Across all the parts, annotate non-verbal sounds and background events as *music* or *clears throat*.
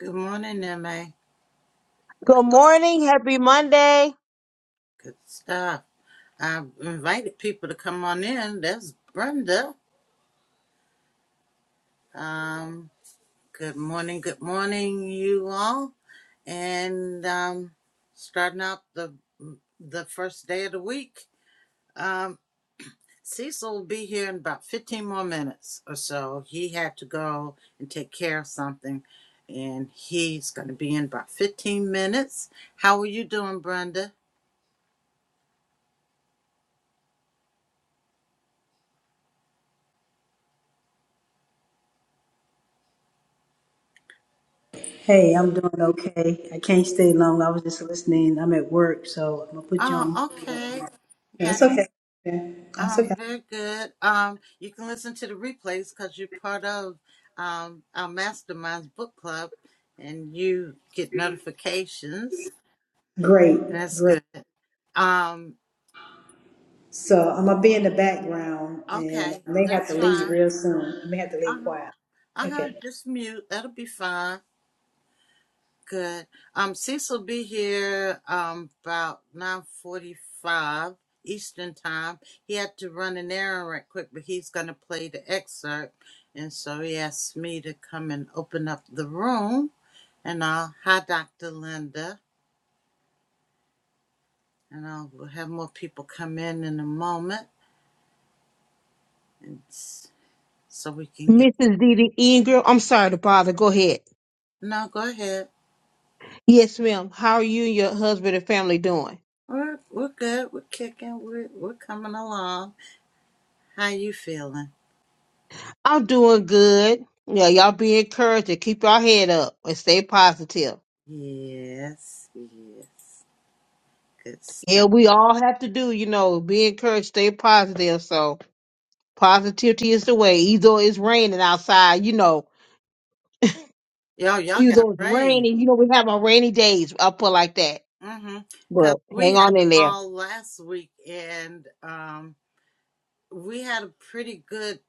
Good morning, Emma. Good morning. Happy Monday. Good stuff. I've invited people to come on in. There's Brenda. Um, good morning, good morning, you all. And um, starting out the the first day of the week. Um, Cecil will be here in about 15 more minutes or so. He had to go and take care of something, and he's going to be in about 15 minutes. How are you doing, Brenda? Hey, I'm doing okay. I can't stay long. I was just listening. I'm at work, so I'm gonna put you on. Oh, okay. Yeah, Got it's okay. Yeah, that's um, okay. very good. Um, you can listen to the replays because you're part of um our Masterminds book club, and you get notifications. Great, That's great. good. Um, So I'm gonna be in the background, and okay, I may have that's to leave fine. real soon. I may have to Uh leave huh. quiet. Uh Okay. huh. Just mute. That'll be fine. Good. Um, Cecil will be here um about nine forty-five Eastern time. He had to run an errand right quick, but he's gonna play the excerpt, and so he asked me to come and open up the room. And I'll hi Dr. Linda, and I'll we'll have more people come in in a moment, and s- so we can get. Mrs. Didi Ingram. I'm sorry to bother. Go ahead. No, go ahead. Yes, ma'am. How are you and your husband and family doing? We're we're good. We're kicking. We're we're coming along. How you feeling? I'm doing good. Yeah, y'all be encouraged and keep your head up and stay positive. Yes. Yes. Good Yeah, stuff. we all have to do, you know, be encouraged, stay positive. So positivity is the way. Either it's raining outside, you know, Yo, y'all either got it's rain. raining, you know, we have our rainy days up like that. Mm-hmm. But Cause we hang had 'em on in there. all last week and um we had a pretty good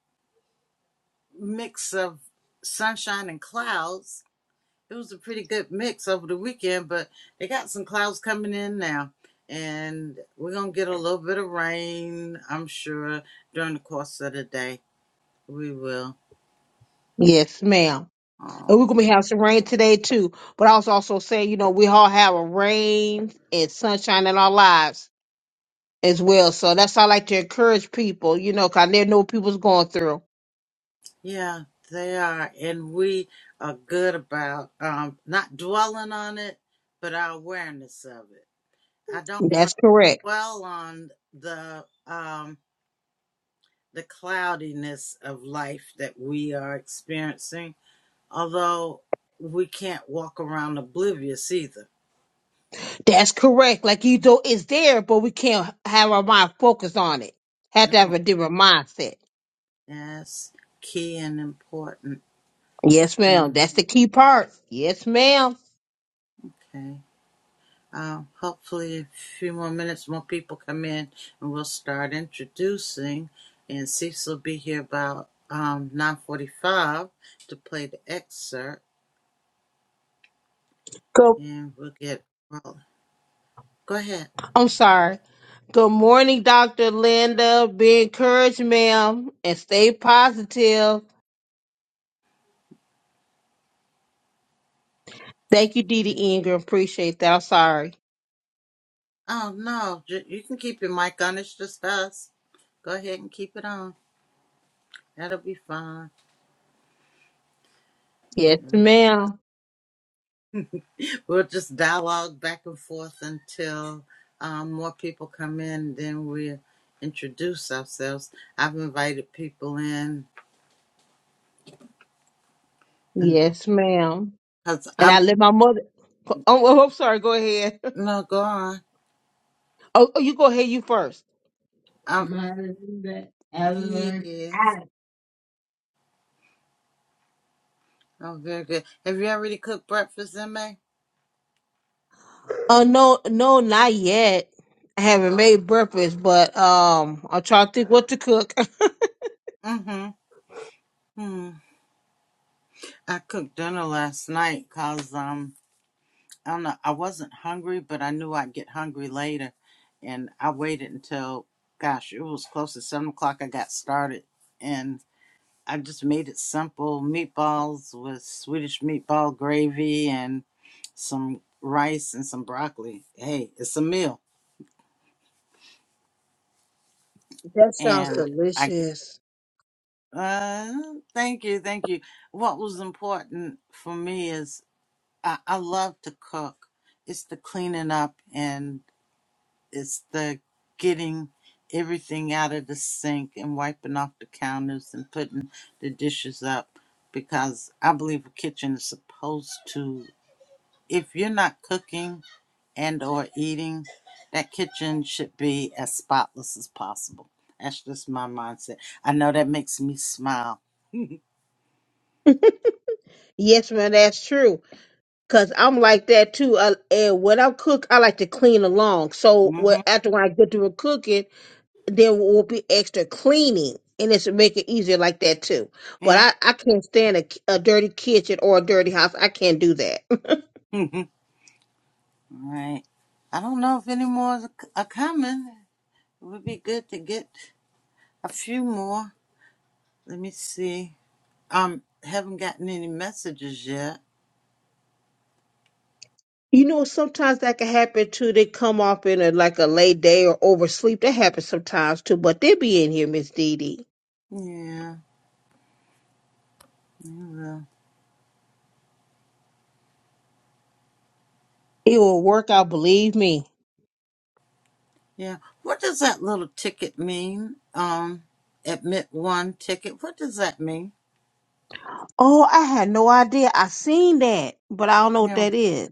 mix of sunshine and clouds. It was a pretty good mix over the weekend, but they got some clouds coming in now. And we're gonna get a little bit of rain, I'm sure, during the course of the day. We will. Yes, ma'am. And we're gonna be having some rain today too. But I was also saying, you know, we all have a rain and sunshine in our lives as well. So that's how I like to encourage people, you know, 'cause I never know what people's going through. Yeah, they are. And we are good about um, not dwelling on it, but our awareness of it. I don't want That's correct. to dwell on the um, the cloudiness of life that we are experiencing, although we can't walk around oblivious either. That's correct. Like you know, it's there, but we can't have our mind focused on it. Have to have No. a different mindset. Yes, key and important. Yes, I know. ma'am. That's the key part. Yes, ma'am. Okay. Uh, hopefully, a few more minutes, more people come in, and we'll start introducing. And Cecil will be here about um, 9.45 to play the excerpt, Go. and we'll get rolling. Go ahead. I'm sorry. Good morning, Dr. Linda. Be encouraged, ma'am, and stay positive. Thank you, Didi Ingram. Appreciate that. I'm sorry. Oh, no, ju- you can keep your mic on. It's just us. Go ahead and keep it on. That'll be fine. Yes, Mm. ma'am. We'll just dialogue back and forth until um, more people come in, then we'll introduce ourselves. I've invited people in Yes, ma'am. Cause And I'm I let my mother. Oh, oh, I'm sorry. Go ahead. *laughs* no go on. Oh, oh, you go ahead. You first. Um, Mother, ever. yes, oh very good. Have you already cooked breakfast, May? Oh no, no, not yet. I haven't made breakfast, but um, I'm trying to think what to cook. *laughs* Mm-hmm. hmm I cooked dinner last night cause um I don't know I wasn't hungry, but I knew I'd get hungry later, and I waited until gosh it was close to seven o'clock. I got started, and I just made it simple meatballs with Swedish meatball gravy and some rice and some broccoli. Hey, it's a meal, that sounds and. delicious. Uh, thank you, thank you. What was important for me is I, I love to cook. It's the cleaning up and it's the getting everything out of the sink and wiping off the counters and putting the dishes up because I believe a kitchen is supposed to, if you're not cooking and or eating, that kitchen should be as spotless as possible. That's just my mindset. I know that makes me smile. Yes, man, that's true. Cause I'm like that too. I, and when I cook, I like to clean along. So *laughs* what after when I get through with cooking. there will be extra cleaning and it's to make it easier like that too. But Yeah. I, I can't stand a, a dirty kitchen or a dirty house. I can't do that. *laughs* All right. I don't know if any more is c- are coming. It would be good to get a few more. Let me see. Um, haven't gotten any messages yet. *laughs* you know, sometimes that can happen too. They come off in a, like a late day or oversleep. That happens sometimes too. But they be in here, Miss Dee Dee. Yeah. Yeah. well, It will work out, believe me. yeah. What does that little ticket mean? Um, admit one ticket. What does that mean? Oh, I had no idea. I seen that, but I don't know what Yeah. that is.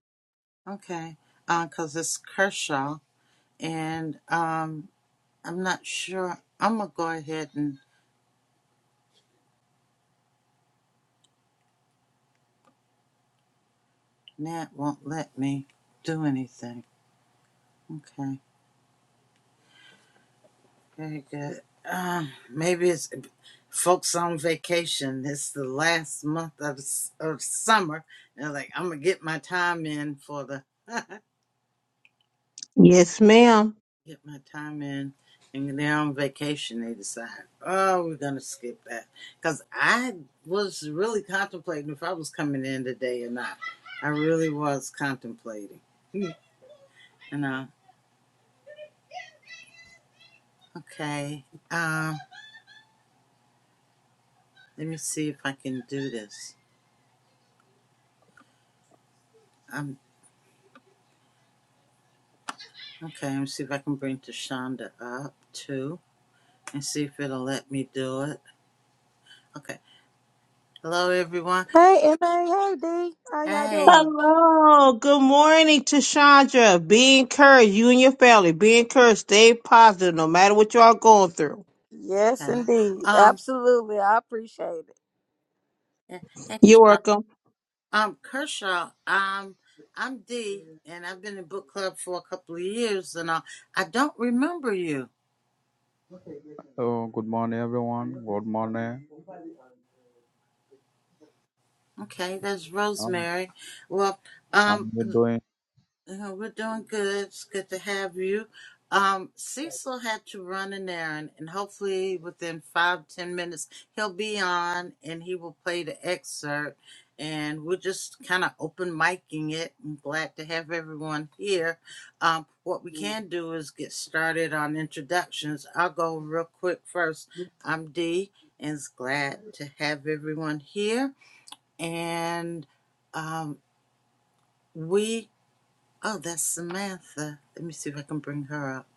Okay. Uh, 'cause it's Kershaw, and um, I'm not sure. I'm gonna go ahead and Nat won't let me do anything. Okay. Very good. Um, maybe it's folks on vacation. It's the last month of s- of summer. They're like, I'm gonna get my time in for the *laughs* Yes, ma'am. get my time in, and they're on vacation. They decide, oh, we're gonna skip that because I was really contemplating if I was coming in today or not. I really was contemplating. You know, okay. Um, let me see if I can do this. I'm Okay, let me see if I can bring Deshonda up too and see if it'll let me do it. Okay. Hello, everyone. Hey, MA, hey, D. How y'all Hey. doing? Hello. Good morning to Chandra. Be encouraged, you and your family. Be encouraged. Stay positive no matter what you all going through. Yes, Hey. indeed. Um, Absolutely. I appreciate it. yeah, hey, You're Deshonda. welcome. Um, Kershaw, um, I'm Dee, and I've been in book club for a couple of years, and I, I don't remember you. So good morning everyone. Good morning. Okay, that's How, Rosemary. Well, how are um, you doing? Uh, We're doing good. It's good to have you. Um, Cecil had to run an errand, and hopefully within five ten minutes he'll be on, and he will play the excerpt. And we're just kind of open micing it. I'm glad to have everyone here. Um, what we can do is get started on introductions. I'll go real quick first. I'm Dee, and it's glad to have everyone here. And um, we Oh, that's Samantha. Let me see if I can bring her up.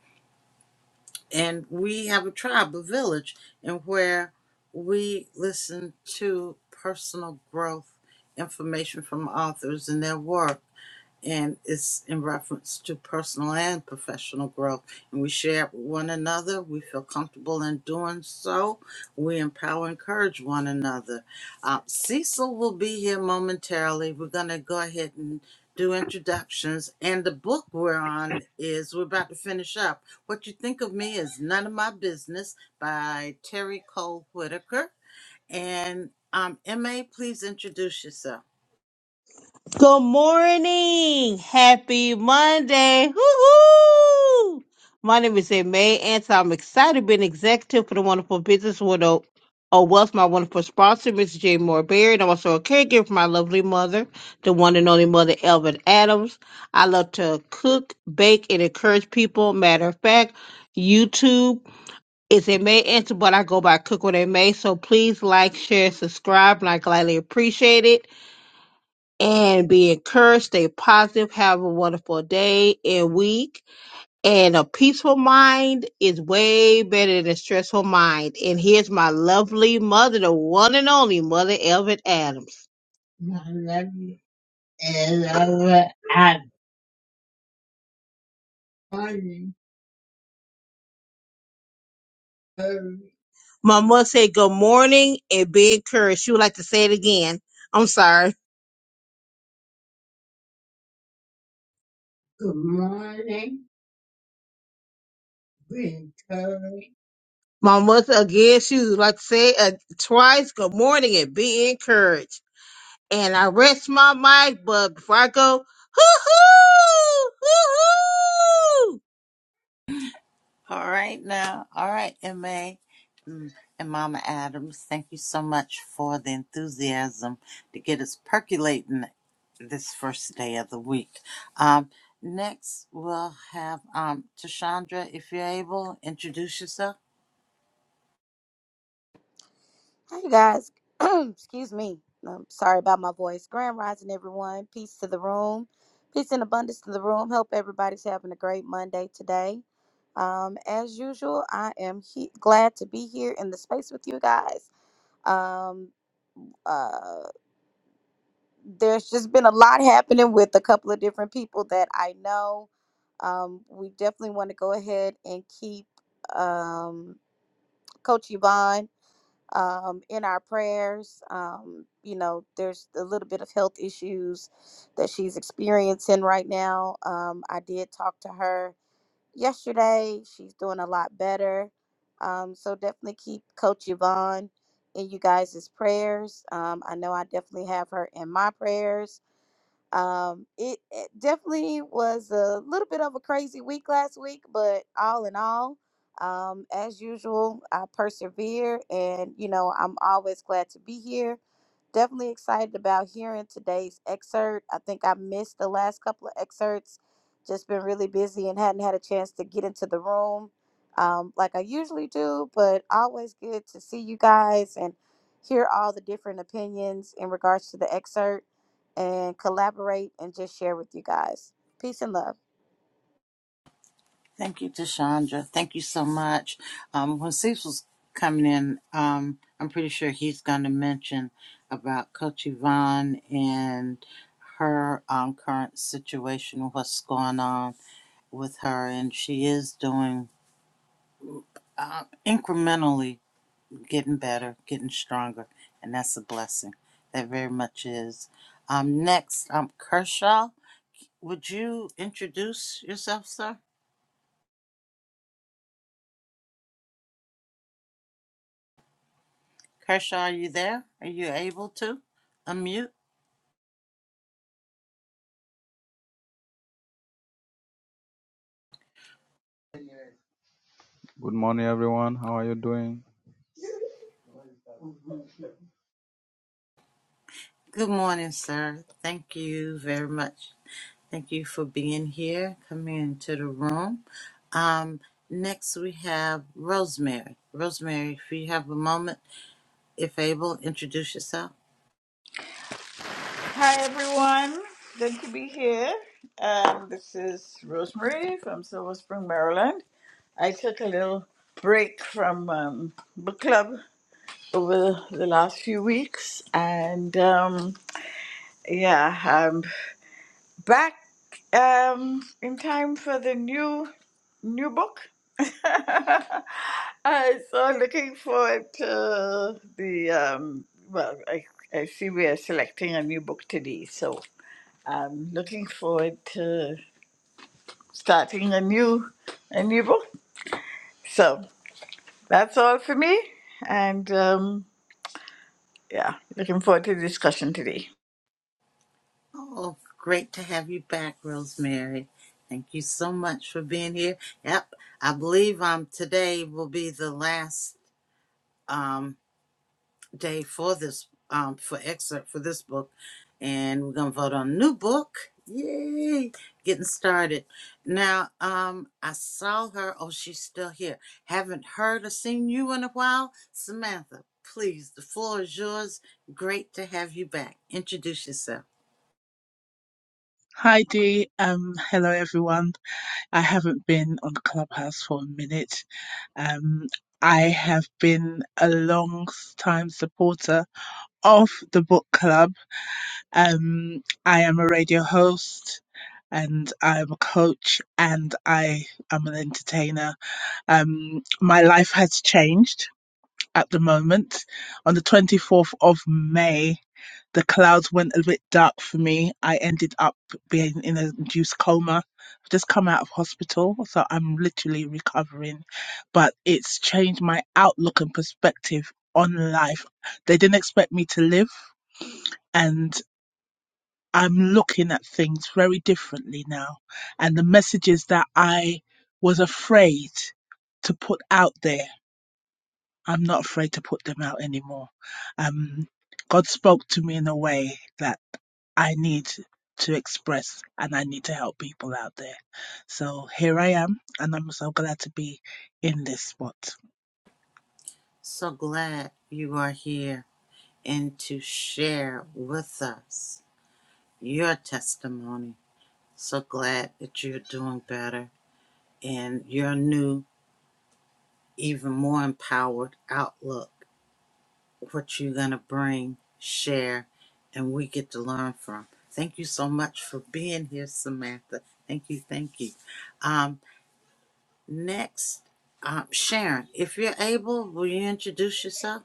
And we have a tribe, a village, and where we listen to personal growth information from authors and their work and it's in reference to personal and professional growth. And we share it with one another. We feel comfortable in doing so. We empower, and encourage one another. Uh, Cecil will be here momentarily. We're going to go ahead and do introductions. And the book we're on is we're about to finish up. What you think of me is none of my business by Terry Cole Whitaker. And um, Ma, please introduce yourself. Good morning. Happy Monday. Woo-hoo! My name is May and I'm excited to be an executive for the Wonderful Business Widow of Wealth, my wonderful sponsor, Miss Jane Moore Berry, and I'm also a caregiver for my lovely mother, the one and only mother, Elvin Adams. I love to cook, bake, and encourage people. Matter of fact, YouTube is a May answer, but I go by Cook with a May. So please like, share, subscribe, and I gladly appreciate it and be encouraged. Stay positive. Have a wonderful day and week. And a peaceful mind is way better than a stressful mind. And here's my lovely mother, the one and only Mother Elvin Adams. I love you, and Elvin Adams. Morning, baby. My mother said, Good morning and be encouraged. She would like to say it again. I'm sorry. Good morning, be encouraged. My mother again, she would like to say uh, twice, good morning and be encouraged. And I rest my mic, but before I go, hoo-hoo, All right now. All right, MA mm, and Mama Adams, thank you so much for the enthusiasm to get us percolating this first day of the week. Um, next, we'll have um, Tashandra, if you're able, introduce yourself. Hey, guys. *clears throat* Excuse me. I'm sorry about my voice. Grand rising, everyone. Peace to the room. Peace and abundance to the room. Hope everybody's having a great Monday today. Um, as usual, I am he- glad to be here in the space with you guys. Um, uh, there's just been a lot happening with a couple of different people that I know. Um, we definitely want to go ahead and keep um, Coach Yvonne um, in our prayers. Um, you know, there's a little bit of health issues that she's experiencing right now. Um, I did talk to her yesterday. She's doing a lot better. Um, so definitely keep Coach Yvonne in you guys' prayers. Um, I know I definitely have her in my prayers um, it, it definitely was a little bit of a crazy week last week, but all in all, um, as usual, I persevere and, you know, I'm always glad to be here Definitely excited about hearing today's excerpt. I think I missed the last couple of excerpts. Just been really busy and hadn't had a chance to get into the room um, like I usually do, but always good to see you guys and hear all the different opinions in regards to the excerpt and collaborate and just share with you guys. Peace and love. Thank you, Tashandra. Thank you so much. Um, when Cecil's coming in, um, I'm pretty sure he's going to mention about Coach Yvonne and her um, current situation, what's going on with her, and she is doing uh, incrementally getting better, getting stronger, and that's a blessing. That very much is. Um, next, um, Kershaw, would you introduce yourself, sir? Kershaw, are you there? Are you able to unmute? Good morning everyone. How are you doing? Good morning, sir. Thank you very much. Thank you for being here, coming into the room. Um, next we have Rosemary. Rosemary, if you have a moment, if able, introduce yourself. Hi everyone, good to be here. Um, this is Rosemary from Silver Spring, Maryland. I took a little break from um, book club over the last few weeks, and um, yeah, I'm back um, in time for the new new book. *laughs* uh, so looking forward to the um, well, I, I see we are selecting a new book today, so. I'm looking forward to starting a new a new book. So that's all for me, and um, yeah, looking forward to the discussion today. Oh, great to have you back, Rosemary. Thank you so much for being here. Yep, I believe um today will be the last um. day for this um for excerpt for this book and we're gonna vote on a new book yay getting started now um i saw her oh she's still here haven't heard or seen you in a while samantha please the floor is yours great to have you back introduce yourself Hi Dee, um, hello everyone. I haven't been on Clubhouse for a minute. Um, I have been a long time supporter of the book club. Um, I am a radio host and I am a coach and I am an entertainer. Um, my life has changed at the moment. On the 24th of May, the clouds went a bit dark for me. I ended up being in a induced coma. I've just come out of hospital, so I'm literally recovering. But it's changed my outlook and perspective on life. They didn't expect me to live, and I'm looking at things very differently now. And the messages that I was afraid to put out there, I'm not afraid to put them out anymore. Um, God spoke to me in a way that I need to express and I need to help people out there. So here I am, and I'm so glad to be in this spot. so glad you are here and to share with us your testimony so glad that you're doing better and you're new even more empowered outlook, what you're going to bring, share, and we get to learn from. Thank you so much for being here, Samantha. Thank you, thank you. Um, next, um, Sharon, if you're able, will you introduce yourself?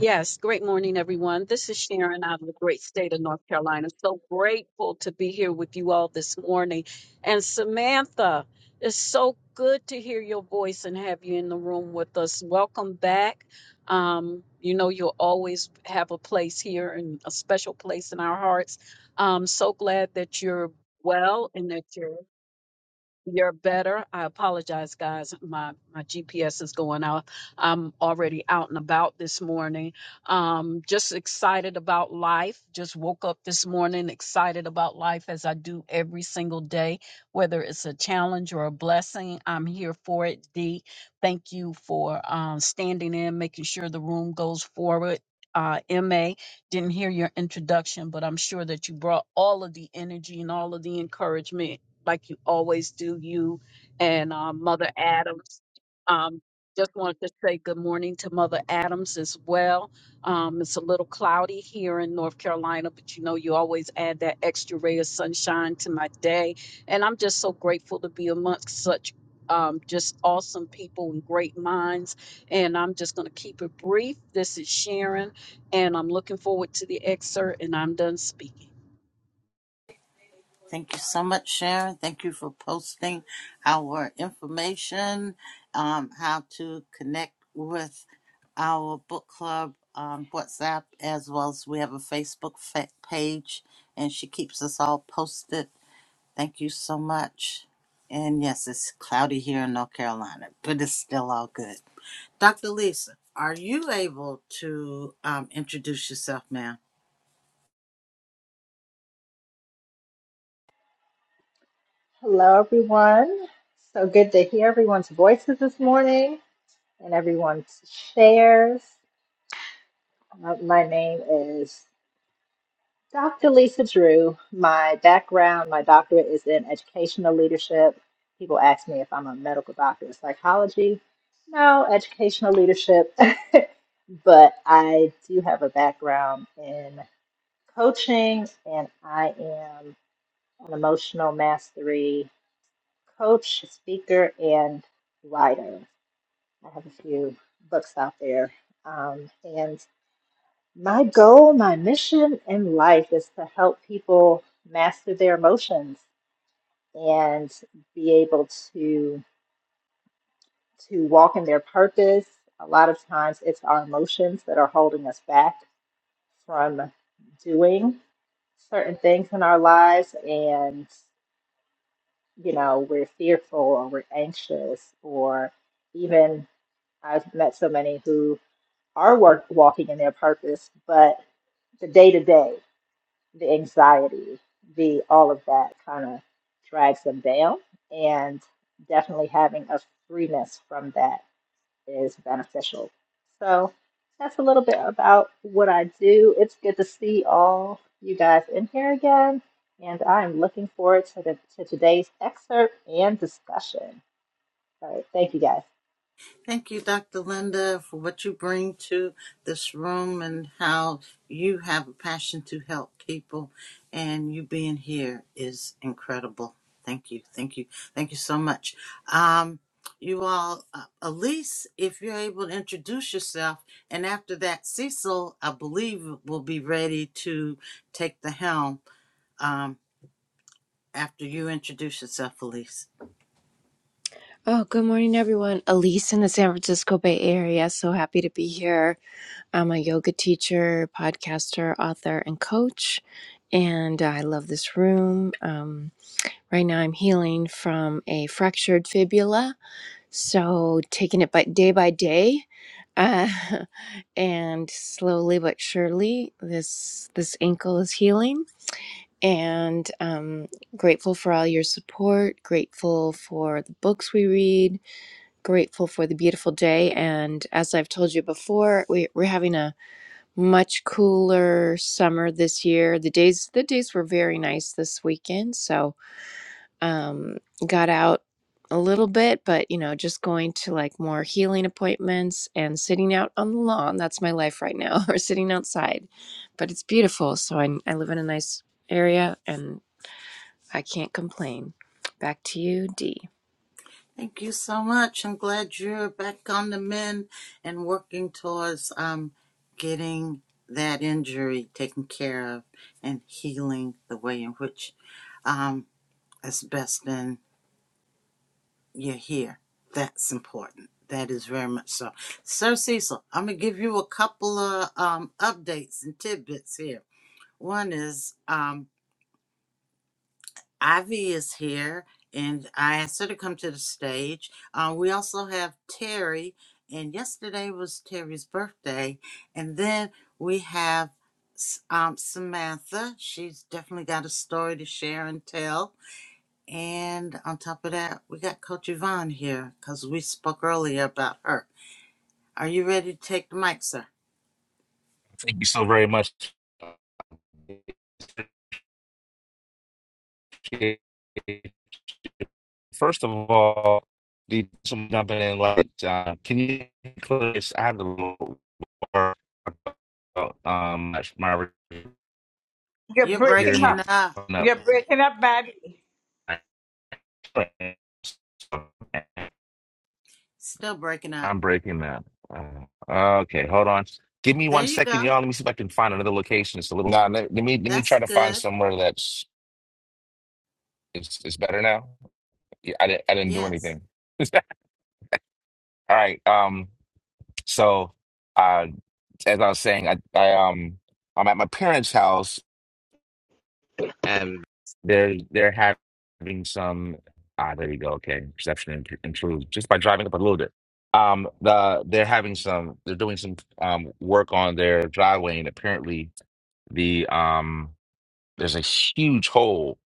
Yes, great morning, everyone. This is Sharon out of the great state of North Carolina. So grateful to be here with you all this morning. And Samantha, it's so good to hear your voice and have you in the room with us. Welcome back. Um, you know, you'll always have a place here and a special place in our hearts. Um, so glad that you're well and that you're you're better. I apologize, guys. My my GPS is going out. I'm already out and about this morning. Um, just excited about life. Just woke up this morning excited about life as I do every single day, whether it's a challenge or a blessing. I'm here for it. D, thank you for um, standing in, making sure the room goes forward. Uh, MA, didn't hear your introduction, but I'm sure that you brought all of the energy and all of the encouragement like you always do, you and um, Mother Adams. Um, just wanted to say good morning to Mother Adams as well. Um, it's a little cloudy here in North Carolina, but you know, you always add that extra ray of sunshine to my day. And I'm just so grateful to be amongst such um, just awesome people and great minds. And I'm just going to keep it brief. This is Sharon, and I'm looking forward to the excerpt, and I'm done speaking. Thank you so much, Sharon. Thank you for posting our information, um, how to connect with our book club um, WhatsApp, as well as we have a Facebook fa- page, and she keeps us all posted. Thank you so much. And yes, it's cloudy here in North Carolina, but it's still all good. Dr. Lisa, are you able to um, introduce yourself, ma'am? Hello, everyone. So good to hear everyone's voices this morning and everyone's shares. Uh, my name is Dr. Lisa Drew. My background, my doctorate is in educational leadership. People ask me if I'm a medical doctor of psychology. No, educational leadership. *laughs* but I do have a background in coaching and I am an emotional mastery coach, speaker, and writer. I have a few books out there. Um, and my goal, my mission in life is to help people master their emotions and be able to to walk in their purpose. A lot of times it's our emotions that are holding us back from doing certain things in our lives and you know we're fearful or we're anxious or even I've met so many who are work, walking in their purpose, but the day to day, the anxiety, the all of that kind of drags them down. And definitely having a freeness from that is beneficial. So that's a little bit about what I do. It's good to see all you guys in here again. And I'm looking forward to, the, to today's excerpt and discussion. All right. Thank you guys. Thank you, Dr. Linda, for what you bring to this room and how you have a passion to help people. And you being here is incredible. Thank you. Thank you. Thank you so much. Um, you all, uh, Elise, if you're able to introduce yourself, and after that, Cecil, I believe, will be ready to take the helm um, after you introduce yourself, Elise. Oh, good morning, everyone. Elise in the San Francisco Bay Area. So happy to be here. I'm a yoga teacher, podcaster, author, and coach. And I love this room. Um, right now, I'm healing from a fractured fibula. So taking it by day by day. Uh, *laughs* and slowly but surely, this this ankle is healing. And um, grateful for all your support. Grateful for the books we read grateful for the beautiful day. And as I've told you before, we, we're having a much cooler summer this year. The days the days were very nice this weekend, so um, got out a little bit, but you know, just going to like more healing appointments and sitting out on the lawn. That's my life right now, *laughs* or sitting outside. But it's beautiful, so I, I live in a nice area and I can't complain. Back to you, Dee. Thank you so much. I'm glad you're back on the mend and working towards um, getting that injury taken care of and healing the way in which um, it's best and you're here. That's important. That is very much so. Sir Cecil, I'm going to give you a couple of um, updates and tidbits here. One is um, Ivy is here, and I asked her to come to the stage. Uh, we also have Terry, and yesterday was Terry's birthday. And then we have S- um, Samantha. She's definitely got a story to share and tell. And on top of that, we got Coach Yvonne here because we spoke earlier about her. Are you ready to take the mic, sir? Thank you so very much. First of all, the jumping in like uh, can you close? I have a little more about um my You're hear me breaking up. throwing up. You're break- Still breaking up. I'm breaking that. Uh, okay, hold on. Give me There one you second, go. y'all. Let me see if I can find another location. It's a little. Nah, let, let me let me That's try to find good. somewhere that's it's, it's better now. Yeah, I didn't I didn't do Yes. anything. *laughs* All right. Um, so uh as I was saying, I, I um I'm at my parents' house and they're they're having some ah there we go, okay. Perception imp- improved just by driving up a little bit. Um the they're having some they're doing some um work on their driveway and apparently the um there's a huge hole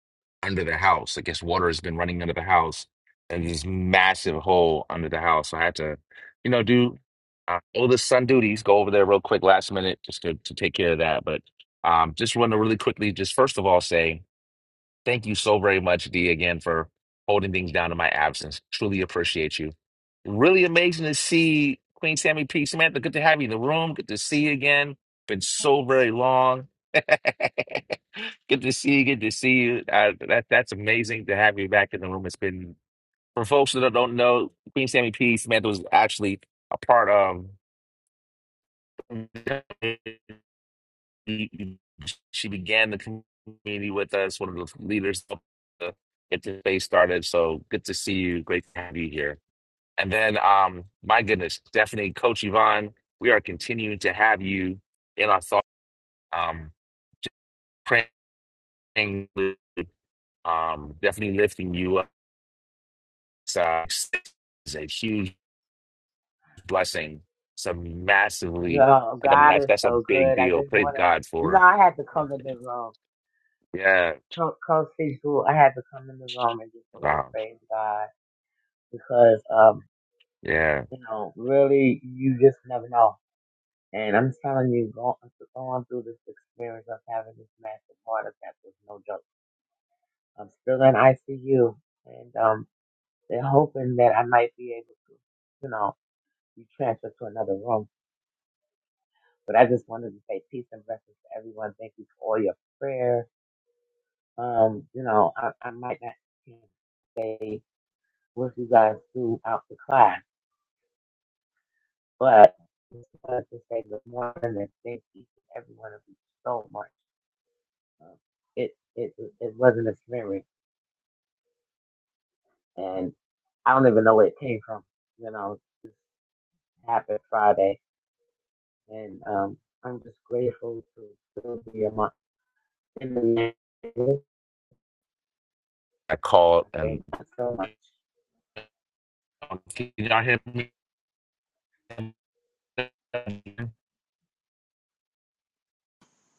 under the house. I guess water has been running under the house, and this massive hole under the house. So I had to, you know, do uh, oldest son duties. Go over there real quick, last minute, just to, to take care of that. But um, just want to really quickly, just first of all, say. Thank you so very much, Dee, again, for holding things down in my absence. Truly appreciate you. Really amazing to see Queen Sammy P. Samantha, good to have you in the room. Good to see you again. Been so very long. *laughs* good to see you. Good to see you. Uh, that, that's amazing to have you back in the room. It's been, for folks that don't know, Queen Sammy P. Samantha was actually a part of she began the community with us, one of the leaders to get the space started. So good to see you. Great to have you here. And then, um, my goodness, Stephanie, Coach Yvonne, we are continuing to have you in our thoughts. Um, just praying, um, definitely lifting you up. It's, uh, it's a huge blessing. It's a massively, Oh, like, I mean, God that's, is that's a so big good. I deal. just Praise want to, God you know, for, I had to uh, come in the room. yeah, Co- Coach Cecil, I had to come in the room and just say, wow, praise God, because, um, yeah. you know, really, you just never know. And I'm telling you, going, going through this experience of having this massive heart attack was no joke. I'm still in ICU, and um, they're hoping that I might be able to, you know, be transferred to another room. But I just wanted to say peace and blessings to everyone. Thank you for all your prayers Um, you know, I, I might not you know, stay with you guys throughout the class, but just wanted to say good morning and thank each and every one of you so much. Um, it it it it wasn't a memory, and I don't even know where it came from. You know, it happened Friday, and um, I'm just grateful to still be among in the land. and I called I and thank you so much. um, can y'all hear me?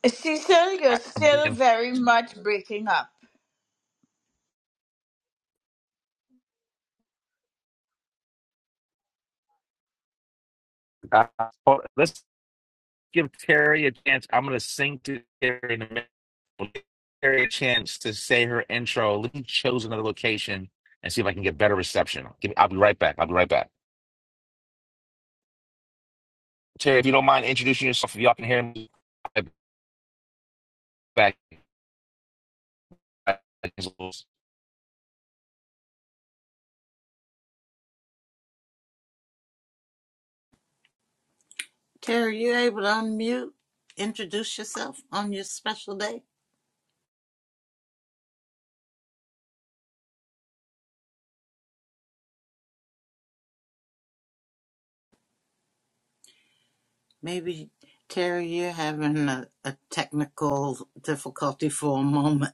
Cecil, you're I- still very much breaking up. called- Let's give Terry a chance. I'm gonna sing to Terry in a minute. We'll give Terry a chance to say her intro. Let me choose another location and see if I can get better reception. Give me, I'll be right back. I'll be right back. Terry, if you don't mind introducing yourself, if y'all can hear me, I'll be back. Tara, you able to unmute, introduce yourself on your special day? Maybe, Tara, you're having a, a technical difficulty for a moment.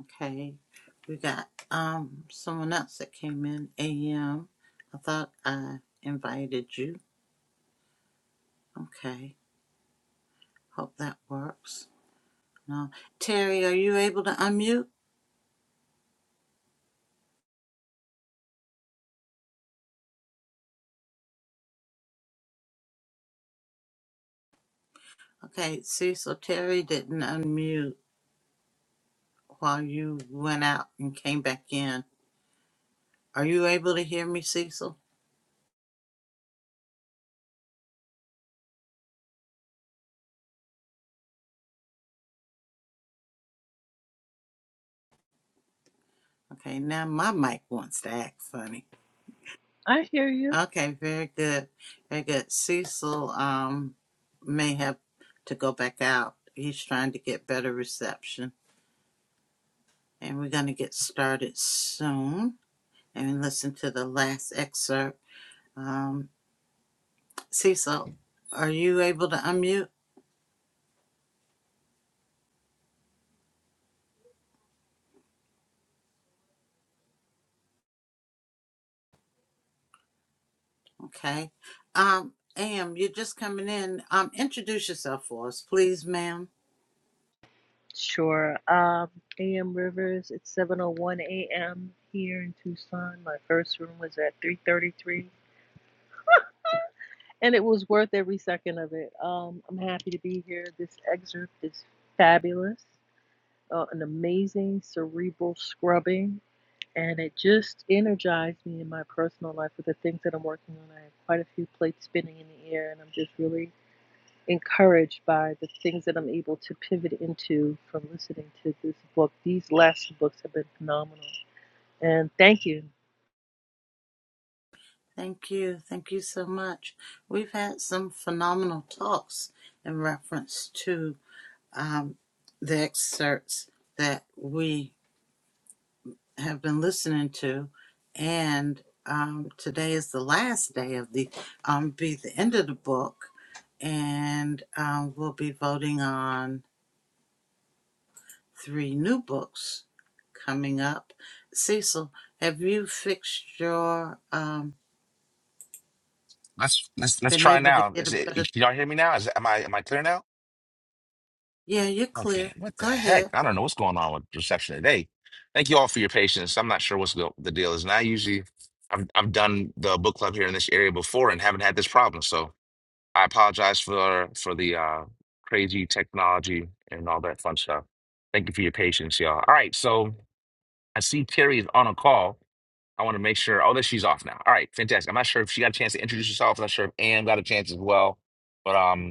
Okay, we got um someone else that came in, AM. I thought I invited you. Okay, hope that works. No, Terry, are you able to unmute? Okay, see, so Terry didn't unmute while you went out and came back in. Are you able to hear me, Cecil? Okay, now my mic wants to act funny. I hear you. Okay, very good. Very good. Cecil um may have to go back out. He's trying to get better reception. And we're gonna get started soon and listen to the last excerpt. Um Cecil, are you able to unmute? Okay. Um Am, you're just coming in. Um introduce yourself for us, please, ma'am. Sure. Um, AM Rivers, it's 7:01 AM here in Tucson. My first room was at 3:33, and it was worth every second of it. Um, I'm happy to be here. This excerpt is fabulous. Uh, an amazing cerebral scrubbing, and it just energized me in my personal life with the things that I'm working on. I have quite a few plates spinning in the air, and I'm just really encouraged by the things that I'm able to pivot into from listening to this book. These last two books have been phenomenal. And thank you. Thank you. Thank you so much. We've had some phenomenal talks in reference to um, the excerpts that we have been listening to. And um, today is the last day of the, um, be the end of the book. And um, we'll be voting on three new books coming up. Cecil, have you fixed your, um, Let's let's let's been try able to now. get a Is it? better? Can y'all hear me now? Is am I am I clear now? Yeah, you're Okay, clear. what the Go heck? ahead. I don't know what's going on with reception today. Thank you all for your patience. I'm not sure what's the, the deal is. And I usually, I've I've done the book club here in this area before and haven't had this problem. So I apologize for for the uh, crazy technology and all that fun stuff. Thank you for your patience, y'all. All right, so I see Terry is on a call. I want to make sure. Oh, that she's off now. All right, fantastic. I'm not sure if she got a chance to introduce herself. I'm not sure if Ann got a chance as well. But um,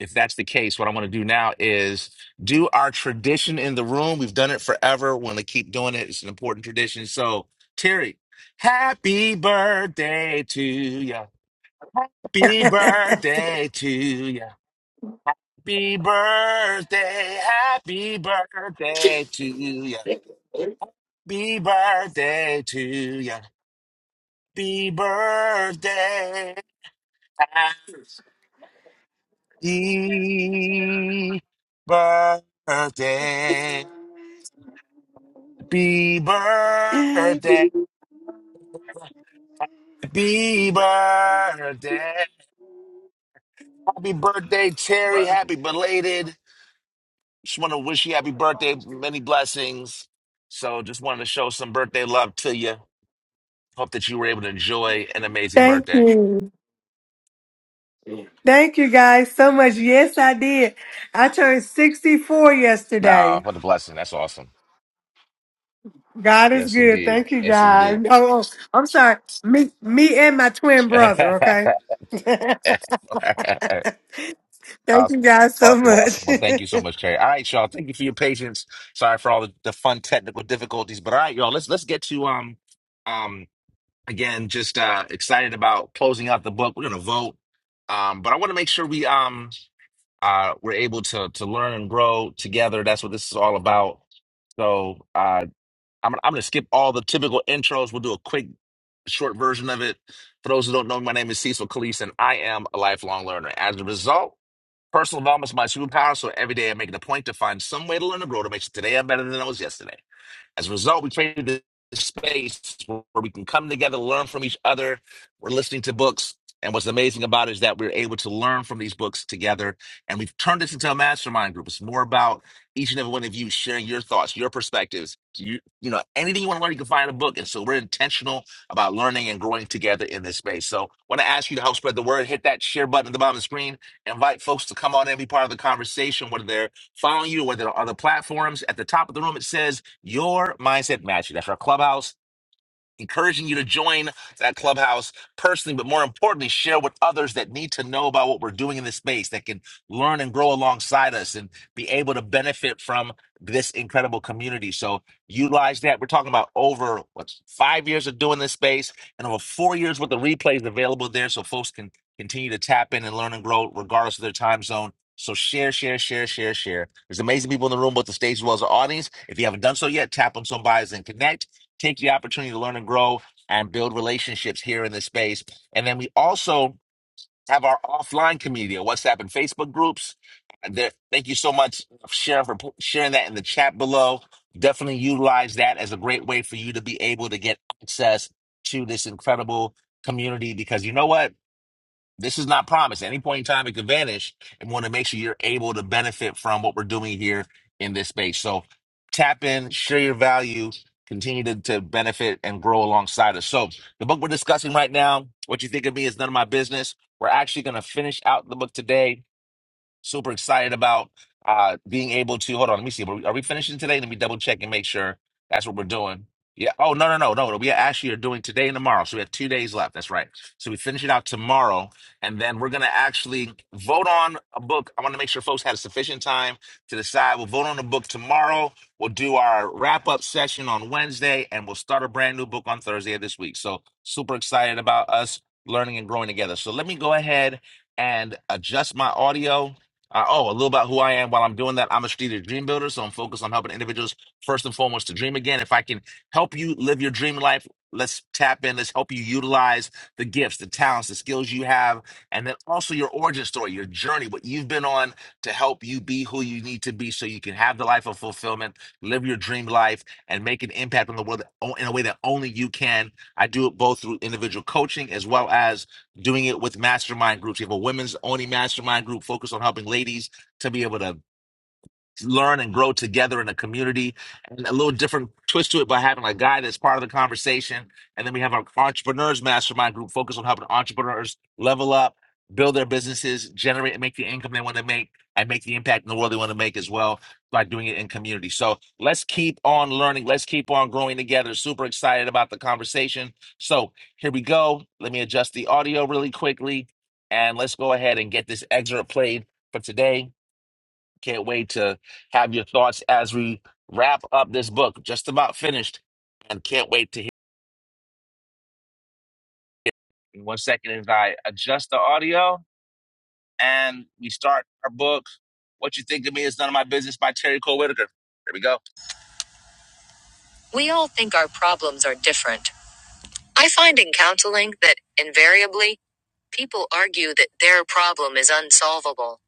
if that's the case, what I want to do now is do our tradition in the room. We've done it forever. We want to keep doing it. It's an important tradition. So, Terry, happy birthday to you. Happy *laughs* birthday to you. Happy birthday. Happy birthday to you. Happy birthday to you. Happy birthday. Happy birthday. Happy Thank birthday. Happy birthday. Happy birthday, Terry. Happy belated. Just want to wish you happy birthday. Many blessings. So just wanted to show some birthday love to you. Hope that you were able to enjoy an amazing birthday. you. Thank you guys so much. Yes, I did. I turned 64 Ah, yesterday. what a blessing. That's awesome. God is Yes, good. indeed. Thank you Yes, indeed. guys. Oh, oh, I'm sorry. Me me and my twin brother, okay? *laughs* *laughs* Thank you Awesome. guys so Awesome. much. Awesome. Well, thank *laughs* you so much, Terry. All right, y'all. Thank you for your patience. Sorry for all the, the fun technical difficulties. But all right, y'all, let's let's get to um um again, just uh excited about closing out the book. We're gonna vote. Um, but I want to make sure we um uh we're able to to learn and grow together. That's what this is all about. So uh I'm I'm gonna skip all the typical intros. We'll do a quick short version of it. For those who don't know, my name is Cecil Calise, and I am a lifelong learner. As a result. Personal development is my superpower, so every day I make it a point to find some way to learn and grow to make sure today I'm better than I was yesterday. As a result, we created this space where we can come together, learn from each other. We're listening to books. And what's amazing about it is that we're able to learn from these books together. And we've turned this into a mastermind group. It's more about each and every one of you sharing your thoughts, your perspectives. You, you know, anything you want to learn, you can find in a book. And so we're intentional about learning and growing together in this space. So I want to ask you to help spread the word. Hit that share button at the bottom of the screen. Invite folks to come on and be part of the conversation, whether they're following you, whether they're on other platforms. At the top of the room, it says your mindset mastery. That's our clubhouse encouraging you to join that clubhouse personally, but more importantly, share with others that need to know about what we're doing in this space that can learn and grow alongside us and be able to benefit from this incredible community. So utilize that. We're talking about over what five years of doing this space and over four years worth of replays available there so folks can continue to tap in and learn and grow regardless of their time zone. So share, share, share, share, share. There's amazing people in the room, both the stage as well as the audience. If you haven't done so yet, tap on somebody's and connect take the opportunity to learn and grow and build relationships here in this space. And then we also have our offline community, our WhatsApp and Facebook groups. There, thank you so much, Sharon, for pu- sharing that in the chat below. Definitely utilize that as a great way for you to be able to get access to this incredible community because you know what? This is not promised. At any point in time, it could vanish. And want to make sure you're able to benefit from what we're doing here in this space. So tap in, share your value, continue to, to benefit and grow alongside us. So the book we're discussing right now, what you think of me is none of my business. We're actually going to finish out the book today Super excited about uh being able to hold on. Let me see. Are we, are we finishing today? Let me double check and make sure that's what we're doing. Yeah. Oh no no no no. no, We actually are doing today and tomorrow. So we have two days left. That's right. So we finish it out tomorrow, and then we're gonna actually vote on a book. I want to make sure folks had sufficient time to decide. We'll vote on a book tomorrow. We'll do our wrap up session on Wednesday, and we'll start a brand new book on Thursday of this week. So super excited about us learning and growing together. So let me go ahead and adjust my audio uh, oh, a little about who I am. While I'm doing that, I'm a strategic dream builder, so I'm focused on helping individuals first and foremost to dream again. If I can help you live your dream life, let's tap in. Let's help you utilize the gifts, the talents, the skills you have, and then also your origin story, your journey, what you've been on to help you be who you need to be, so you can have the life of fulfillment, live your dream life, and make an impact on the world in a way that only you can. I do it both through individual coaching as well as doing it with mastermind groups. You have a women's only mastermind group focused on helping ladies to be able to learn and grow together in a community and a little different twist to it by having a guy that's part of the conversation and then we have our entrepreneurs mastermind group focused on helping entrepreneurs level up build their businesses generate and make the income they want to make and make the impact in the world they want to make as well by doing it in community so let's keep on learning let's keep on growing together super excited about the conversation so here we go let me adjust the audio really quickly and let's go ahead and get this excerpt played for today can't wait to have your thoughts as we wrap up this book. Just about finished, and can't wait to hear. One second as I adjust the audio and we start our book. What you think of me is none of my business by Terry Cole Whitaker. Here we go. We all think our problems are different. I find in counseling that invariably people argue that their problem is unsolvable.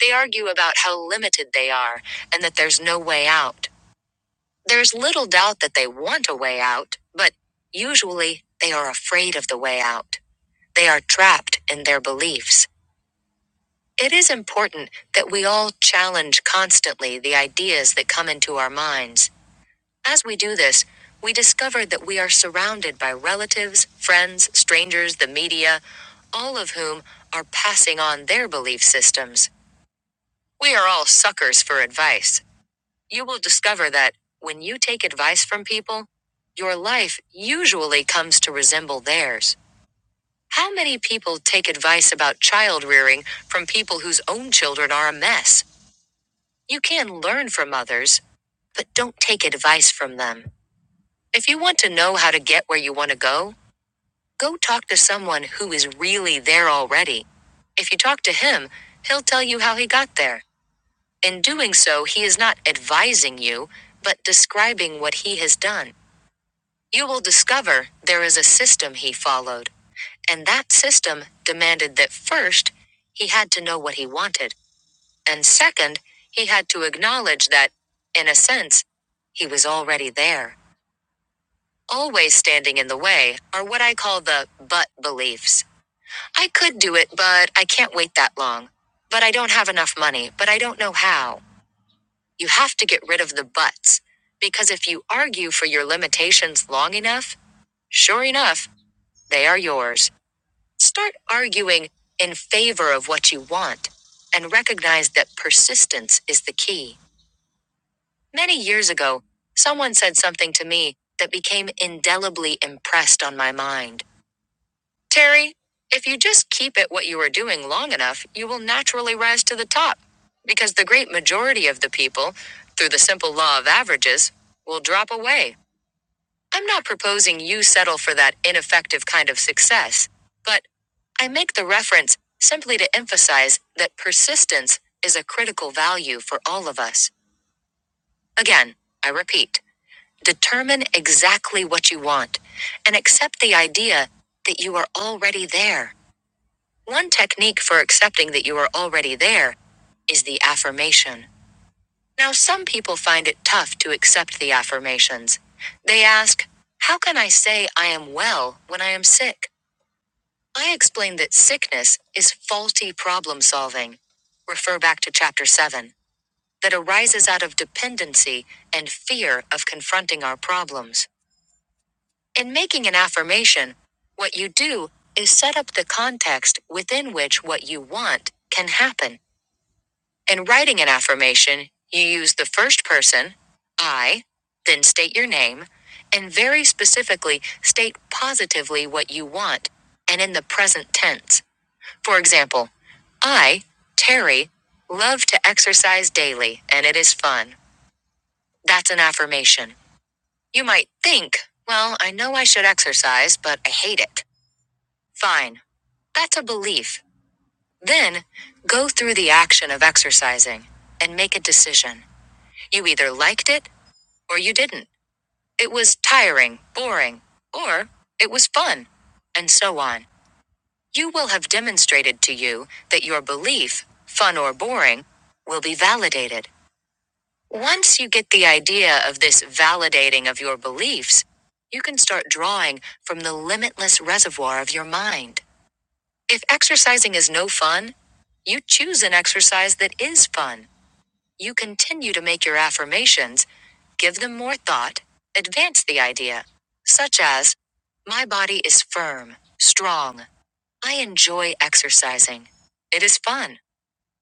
They argue about how limited they are and that there's no way out. There's little doubt that they want a way out, but usually they are afraid of the way out. They are trapped in their beliefs. It is important that we all challenge constantly the ideas that come into our minds. As we do this, we discover that we are surrounded by relatives, friends, strangers, the media, all of whom are passing on their belief systems. We are all suckers for advice. You will discover that, when you take advice from people, your life usually comes to resemble theirs. How many people take advice about child rearing from people whose own children are a mess? You can learn from others, but don't take advice from them. If you want to know how to get where you want to go, go talk to someone who is really there already. If you talk to him, he'll tell you how he got there. In doing so, he is not advising you, but describing what he has done. You will discover there is a system he followed, and that system demanded that first, he had to know what he wanted, and second, he had to acknowledge that, in a sense, he was already there. Always standing in the way are what I call the but beliefs. I could do it, but I can't wait that long. But I don't have enough money, but I don't know how. You have to get rid of the buts, because if you argue for your limitations long enough, sure enough, they are yours. Start arguing in favor of what you want and recognize that persistence is the key. Many years ago, someone said something to me that became indelibly impressed on my mind. Terry, if you just keep it what you are doing long enough, you will naturally rise to the top, because the great majority of the people, through the simple law of averages, will drop away. I'm not proposing you settle for that ineffective kind of success, but I make the reference simply to emphasize that persistence is a critical value for all of us. Again, I repeat, determine exactly what you want and accept the idea that you are already there. One technique for accepting that you are already there is the affirmation. Now, some people find it tough to accept the affirmations. They ask, How can I say I am well when I am sick? I explain that sickness is faulty problem solving. Refer back to chapter 7. That arises out of dependency and fear of confronting our problems. In making an affirmation, what you do is set up the context within which what you want can happen. In writing an affirmation, you use the first person, I, then state your name, and very specifically state positively what you want, and in the present tense. For example, I, Terry, love to exercise daily, and it is fun. That's an affirmation. You might think, well, I know I should exercise, but I hate it. Fine. That's a belief. Then, go through the action of exercising and make a decision. You either liked it or you didn't. It was tiring, boring, or it was fun, and so on. You will have demonstrated to you that your belief, fun or boring, will be validated. Once you get the idea of this validating of your beliefs, you can start drawing from the limitless reservoir of your mind. If exercising is no fun, you choose an exercise that is fun. You continue to make your affirmations, give them more thought, advance the idea, such as, My body is firm, strong. I enjoy exercising. It is fun.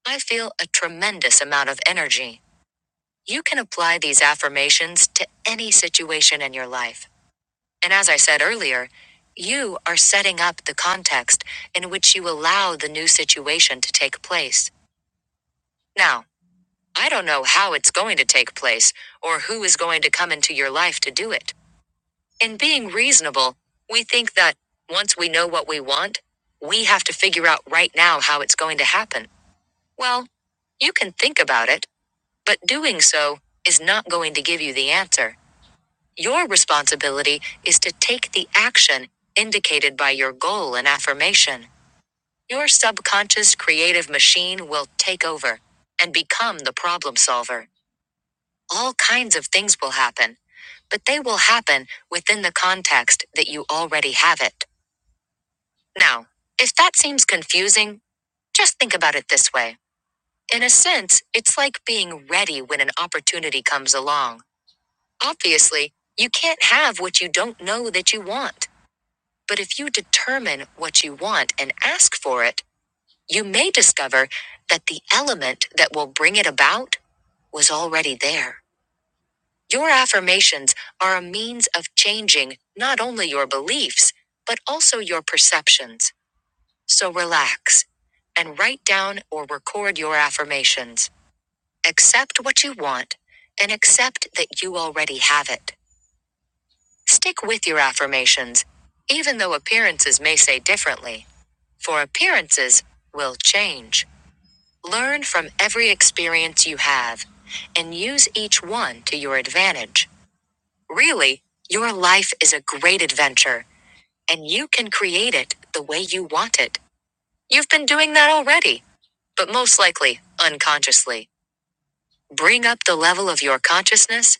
I feel a tremendous amount of energy. You can apply these affirmations to any situation in your life. And as I said earlier, you are setting up the context in which you allow the new situation to take place. Now, I don't know how it's going to take place or who is going to come into your life to do it. In being reasonable, we think that once we know what we want, we have to figure out right now how it's going to happen. Well, you can think about it, but doing so is not going to give you the answer. Your responsibility is to take the action indicated by your goal and affirmation. Your subconscious creative machine will take over and become the problem solver. All kinds of things will happen, but they will happen within the context that you already have it. Now, if that seems confusing, just think about it this way. In a sense, it's like being ready when an opportunity comes along. Obviously, you can't have what you don't know that you want. But if you determine what you want and ask for it, you may discover that the element that will bring it about was already there. Your affirmations are a means of changing not only your beliefs, but also your perceptions. So relax and write down or record your affirmations. Accept what you want and accept that you already have it. Stick with your affirmations, even though appearances may say differently, for appearances will change. Learn from every experience you have and use each one to your advantage. Really, your life is a great adventure, and you can create it the way you want it. You've been doing that already, but most likely unconsciously. Bring up the level of your consciousness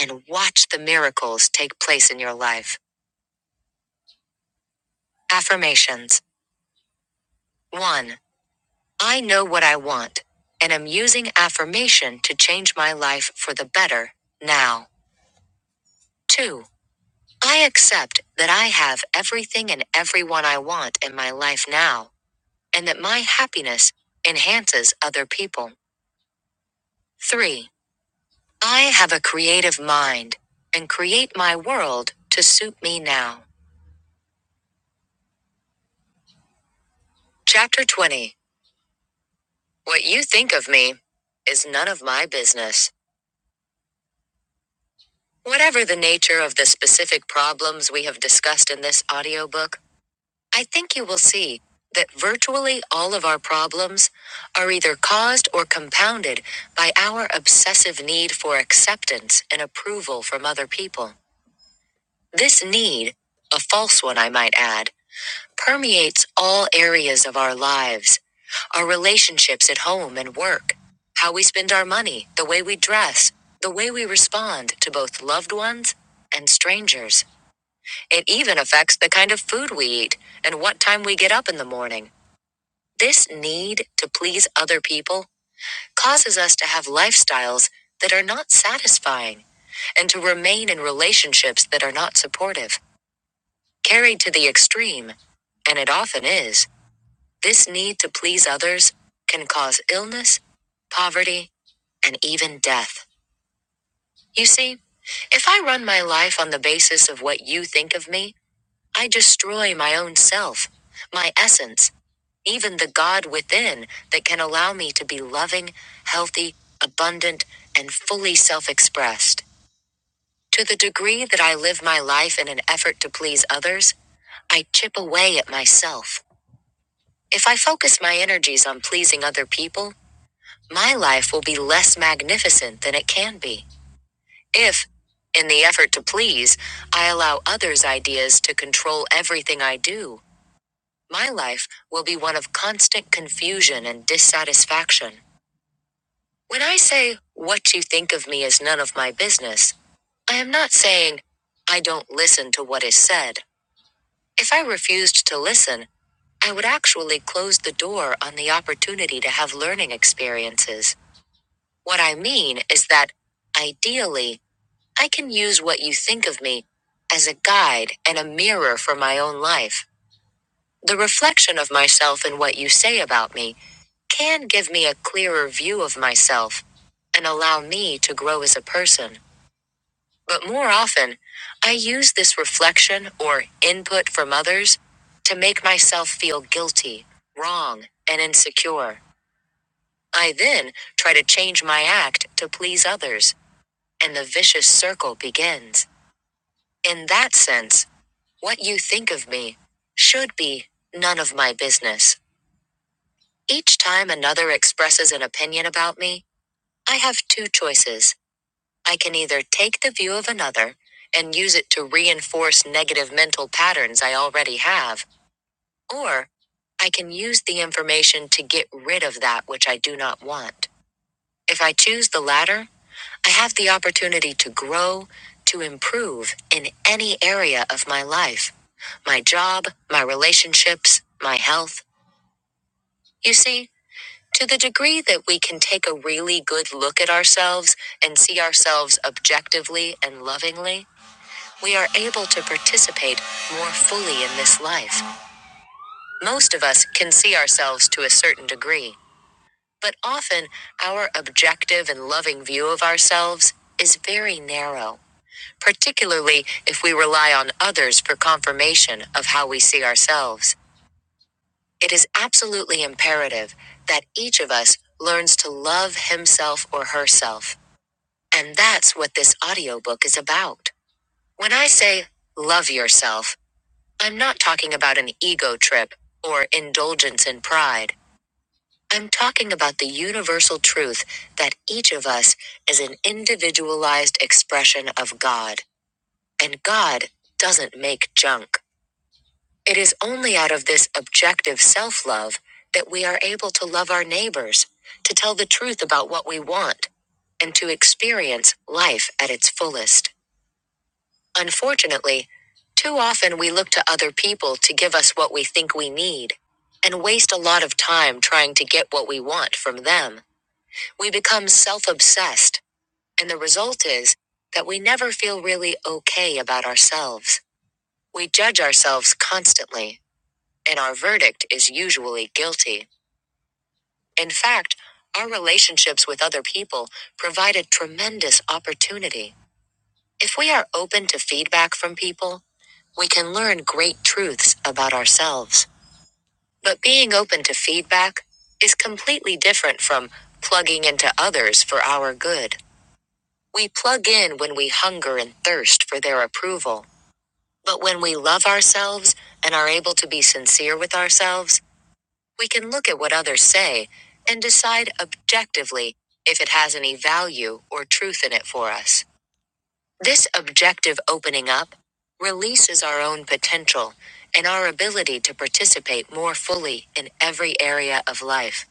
and watch the miracles take place in your life. Affirmations 1. I know what I want, and am using affirmation to change my life for the better now. 2. I accept that I have everything and everyone I want in my life now and that my happiness enhances other people. 3. I have a creative mind and create my world to suit me now. Chapter 20 What you think of me is none of my business. Whatever the nature of the specific problems we have discussed in this audiobook, I think you will see that virtually all of our problems are either caused or compounded by our obsessive need for acceptance and approval from other people. This need, a false one I might add, permeates all areas of our lives our relationships at home and work, how we spend our money, the way we dress, the way we respond to both loved ones and strangers. It even affects the kind of food we eat and what time we get up in the morning. This need to please other people causes us to have lifestyles that are not satisfying and to remain in relationships that are not supportive. Carried to the extreme, and it often is, this need to please others can cause illness, poverty, and even death. You see, if I run my life on the basis of what you think of me, I destroy my own self, my essence, even the God within that can allow me to be loving, healthy, abundant, and fully self expressed. To the degree that I live my life in an effort to please others, I chip away at myself. If I focus my energies on pleasing other people, my life will be less magnificent than it can be. If, in the effort to please, I allow others' ideas to control everything I do, my life will be one of constant confusion and dissatisfaction. When I say, What you think of me is none of my business, I am not saying, I don't listen to what is said. If I refused to listen, I would actually close the door on the opportunity to have learning experiences. What I mean is that, ideally, I can use what you think of me as a guide and a mirror for my own life. The reflection of myself in what you say about me can give me a clearer view of myself and allow me to grow as a person. But more often, I use this reflection or input from others to make myself feel guilty, wrong, and insecure. I then try to change my act to please others, and the vicious circle begins. In that sense, what you think of me should be none of my business. Each time another expresses an opinion about me, I have two choices. I can either take the view of another and use it to reinforce negative mental patterns I already have, or I can use the information to get rid of that which I do not want. If I choose the latter, I have the opportunity to grow, to improve in any area of my life my job, my relationships, my health. You see, to the degree that we can take a really good look at ourselves and see ourselves objectively and lovingly, we are able to participate more fully in this life. Most of us can see ourselves to a certain degree, but often our objective and loving view of ourselves is very narrow, particularly if we rely on others for confirmation of how we see ourselves. It is absolutely imperative that each of us learns to love himself or herself. And that's what this audiobook is about. When I say love yourself, I'm not talking about an ego trip or indulgence in pride. I'm talking about the universal truth that each of us is an individualized expression of God. And God doesn't make junk. It is only out of this objective self love that we are able to love our neighbors, to tell the truth about what we want, and to experience life at its fullest. Unfortunately, too often we look to other people to give us what we think we need and waste a lot of time trying to get what we want from them. We become self obsessed, and the result is that we never feel really okay about ourselves. We judge ourselves constantly, and our verdict is usually guilty. In fact, our relationships with other people provide a tremendous opportunity If we are open to feedback from people, we can learn great truths about ourselves. But being open to feedback is completely different from plugging into others for our good. We plug in when we hunger and thirst for their approval. But when we love ourselves and are able to be sincere with ourselves, we can look at what others say and decide objectively if it has any value or truth in it for us. This objective opening up releases our own potential and our ability to participate more fully in every area of life.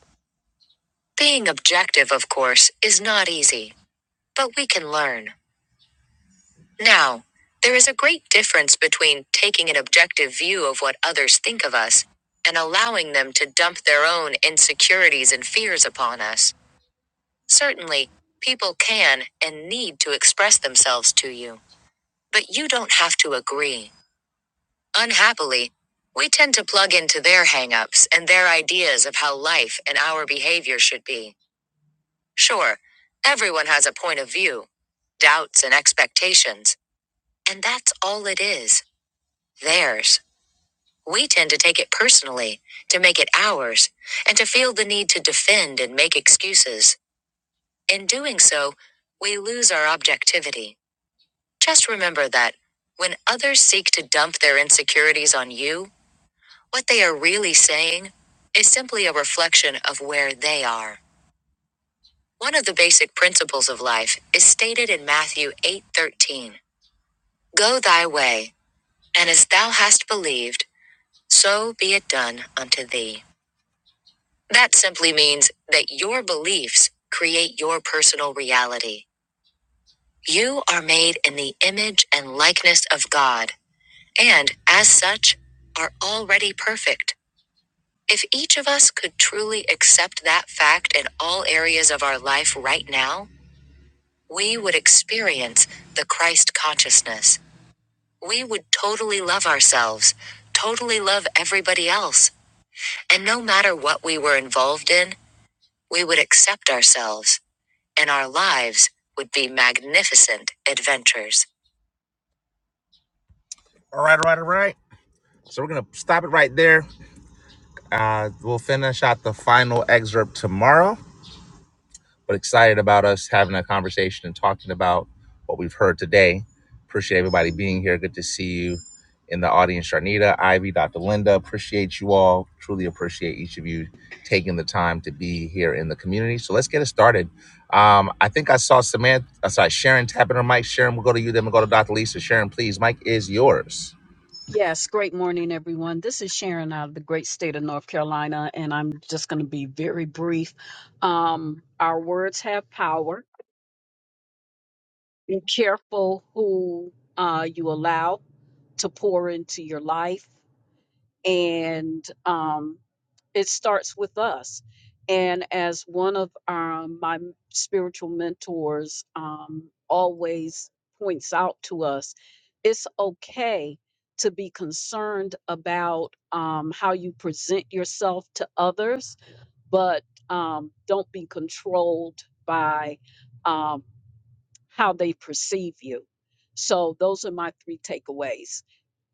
Being objective, of course, is not easy, but we can learn. Now, there is a great difference between taking an objective view of what others think of us and allowing them to dump their own insecurities and fears upon us. Certainly, people can and need to express themselves to you, but you don't have to agree. Unhappily, we tend to plug into their hangups and their ideas of how life and our behavior should be. Sure, everyone has a point of view, doubts, and expectations, and that's all it is theirs. We tend to take it personally, to make it ours, and to feel the need to defend and make excuses. In doing so, we lose our objectivity. Just remember that when others seek to dump their insecurities on you, What they are really saying is simply a reflection of where they are. One of the basic principles of life is stated in Matthew 8:13. Go thy way, and as thou hast believed, so be it done unto thee. That simply means that your beliefs create your personal reality. You are made in the image and likeness of God, and as such, are already perfect. If each of us could truly accept that fact in all areas of our life right now, we would experience the Christ consciousness. We would totally love ourselves, totally love everybody else. And no matter what we were involved in, we would accept ourselves, and our lives would be magnificent adventures. All right, all right, all right. So we're going to stop it right there. Uh, we'll finish out the final excerpt tomorrow. but excited about us having a conversation and talking about what we've heard today. Appreciate everybody being here. Good to see you in the audience, Sharnita, Ivy, Dr. Linda. Appreciate you all. Truly appreciate each of you taking the time to be here in the community. So let's get it started. Um, I think I saw Samantha, uh, sorry, Sharon tapping her mic. Sharon, we'll go to you, then we'll go to Dr. Lisa. Sharon, please, mic is yours. Yes, great morning, everyone. This is Sharon out of the great state of North Carolina, and I'm just going to be very brief. Um, our words have power. Be careful who uh, you allow to pour into your life, and um, it starts with us. And as one of our, my m- spiritual mentors um, always points out to us, it's okay to be concerned about um, how you present yourself to others, but um, don't be controlled by um, how they perceive you. So, those are my three takeaways.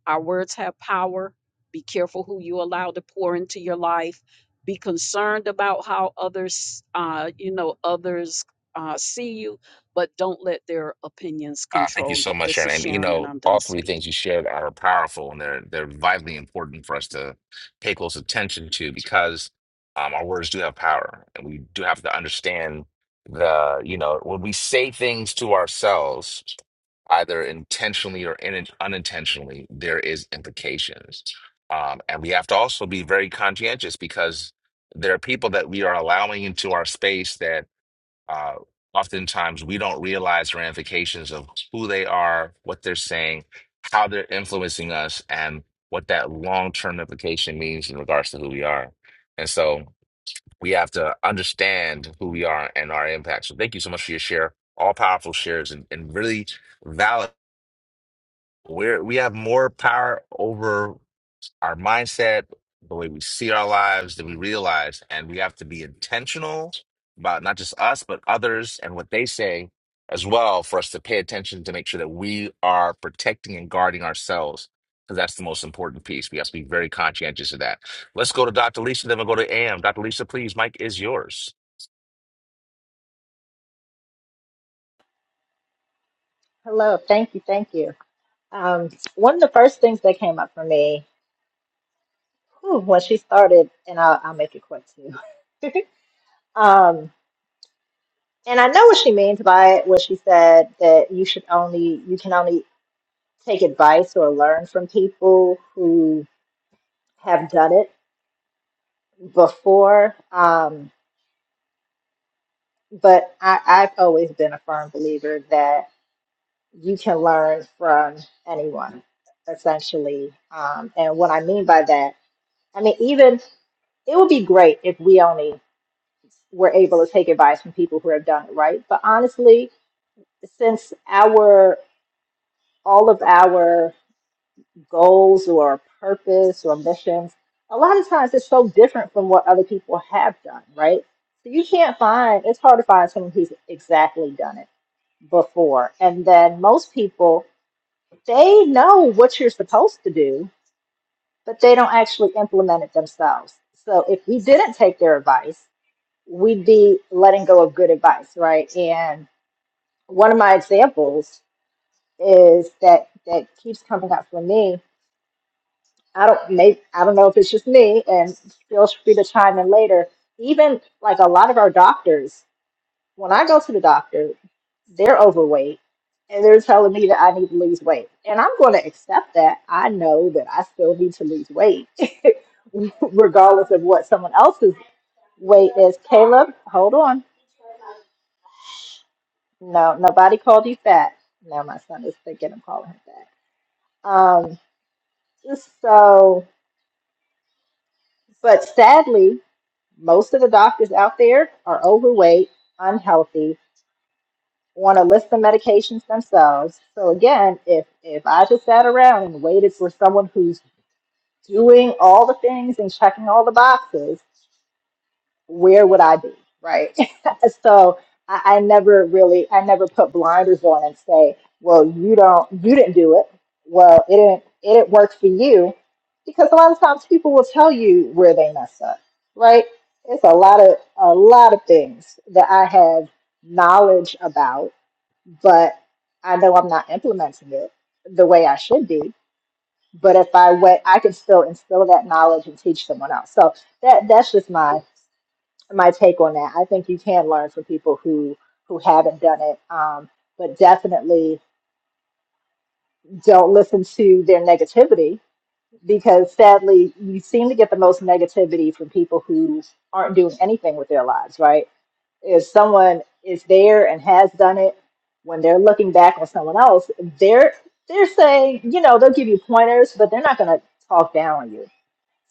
Our words have power. Be careful who you allow to pour into your life. Be concerned about how others, uh, you know, others uh, see you, but don't let their opinions Uh, thank you control you. so much, This Sharon. is And you Sharon, and know, I'm done all three speaking. things you shared are powerful, and they're they're vitally important for us to pay close attention to because um, our words do have power, and we do have to understand the you know when we say things to ourselves, either intentionally or in, unintentionally, there is implications, um, and we have to also be very conscientious because there are people that we are allowing into our space that uh, oftentimes we don't realize the ramifications of who they are, what they're saying, how they're influencing us, and what that long term implication means in regards to who we are. And so we have to understand who we are and our impact. So thank you so much for your share, all powerful shares, and, and really valid. We're, we have more power over our mindset, the way we see our lives, that we realize, and we have to be intentional about not just us, but others and what they say as well for us to pay attention to make sure that we are protecting and guarding ourselves. Because that's the most important piece. We have to be very conscientious of that. Let's go to Dr. Lisa, then we'll go to AM. Dr. Lisa, please, Mike is yours. Hello. Thank you. Thank you. Um, one of the first things that came up for me whew, when she started, and I'll, I'll make it quick too. *laughs* um, and I know what she means by it when she said that you should only you can only take advice or learn from people who have done it before. Um, but I, I've always been a firm believer that you can learn from anyone, essentially. Um, and what I mean by that, I mean even it would be great if we only we're able to take advice from people who have done it right. But honestly, since our all of our goals or purpose or missions, a lot of times it's so different from what other people have done, right? So you can't find it's hard to find someone who's exactly done it before. And then most people they know what you're supposed to do, but they don't actually implement it themselves. So if we didn't take their advice, we'd be letting go of good advice, right? And one of my examples is that that keeps coming up for me. I don't make I don't know if it's just me, and feel free to chime in later. Even like a lot of our doctors, when I go to the doctor, they're overweight and they're telling me that I need to lose weight. And I'm going to accept that. I know that I still need to lose weight, *laughs* regardless of what someone else's weight is. Caleb, hold on. No, nobody called you fat. No, my son is thinking of calling him fat. Um, So, but sadly, most of the doctors out there are overweight, unhealthy, want to list the medications themselves. So again, if if I just sat around and waited for someone who's doing all the things and checking all the boxes, where would I be? *laughs* so I, I never really I never put blinders on and say, well, you don't you didn't do it. Well, it didn't it didn't work for you because a lot of times people will tell you where they mess up, right? It's a lot of a lot of things that I have knowledge about, but I know I'm not implementing it the way I should be. But if I went, I could still instill that knowledge and teach someone else. So that that's just my my take on that. I think you can learn from people who who haven't done it, um, but definitely don't listen to their negativity because sadly, you seem to get the most negativity from people who aren't doing anything with their lives. Right? If someone is there and has done it, when they're looking back on someone else, they're they're saying, you know, they'll give you pointers, but they're not going to talk down on you.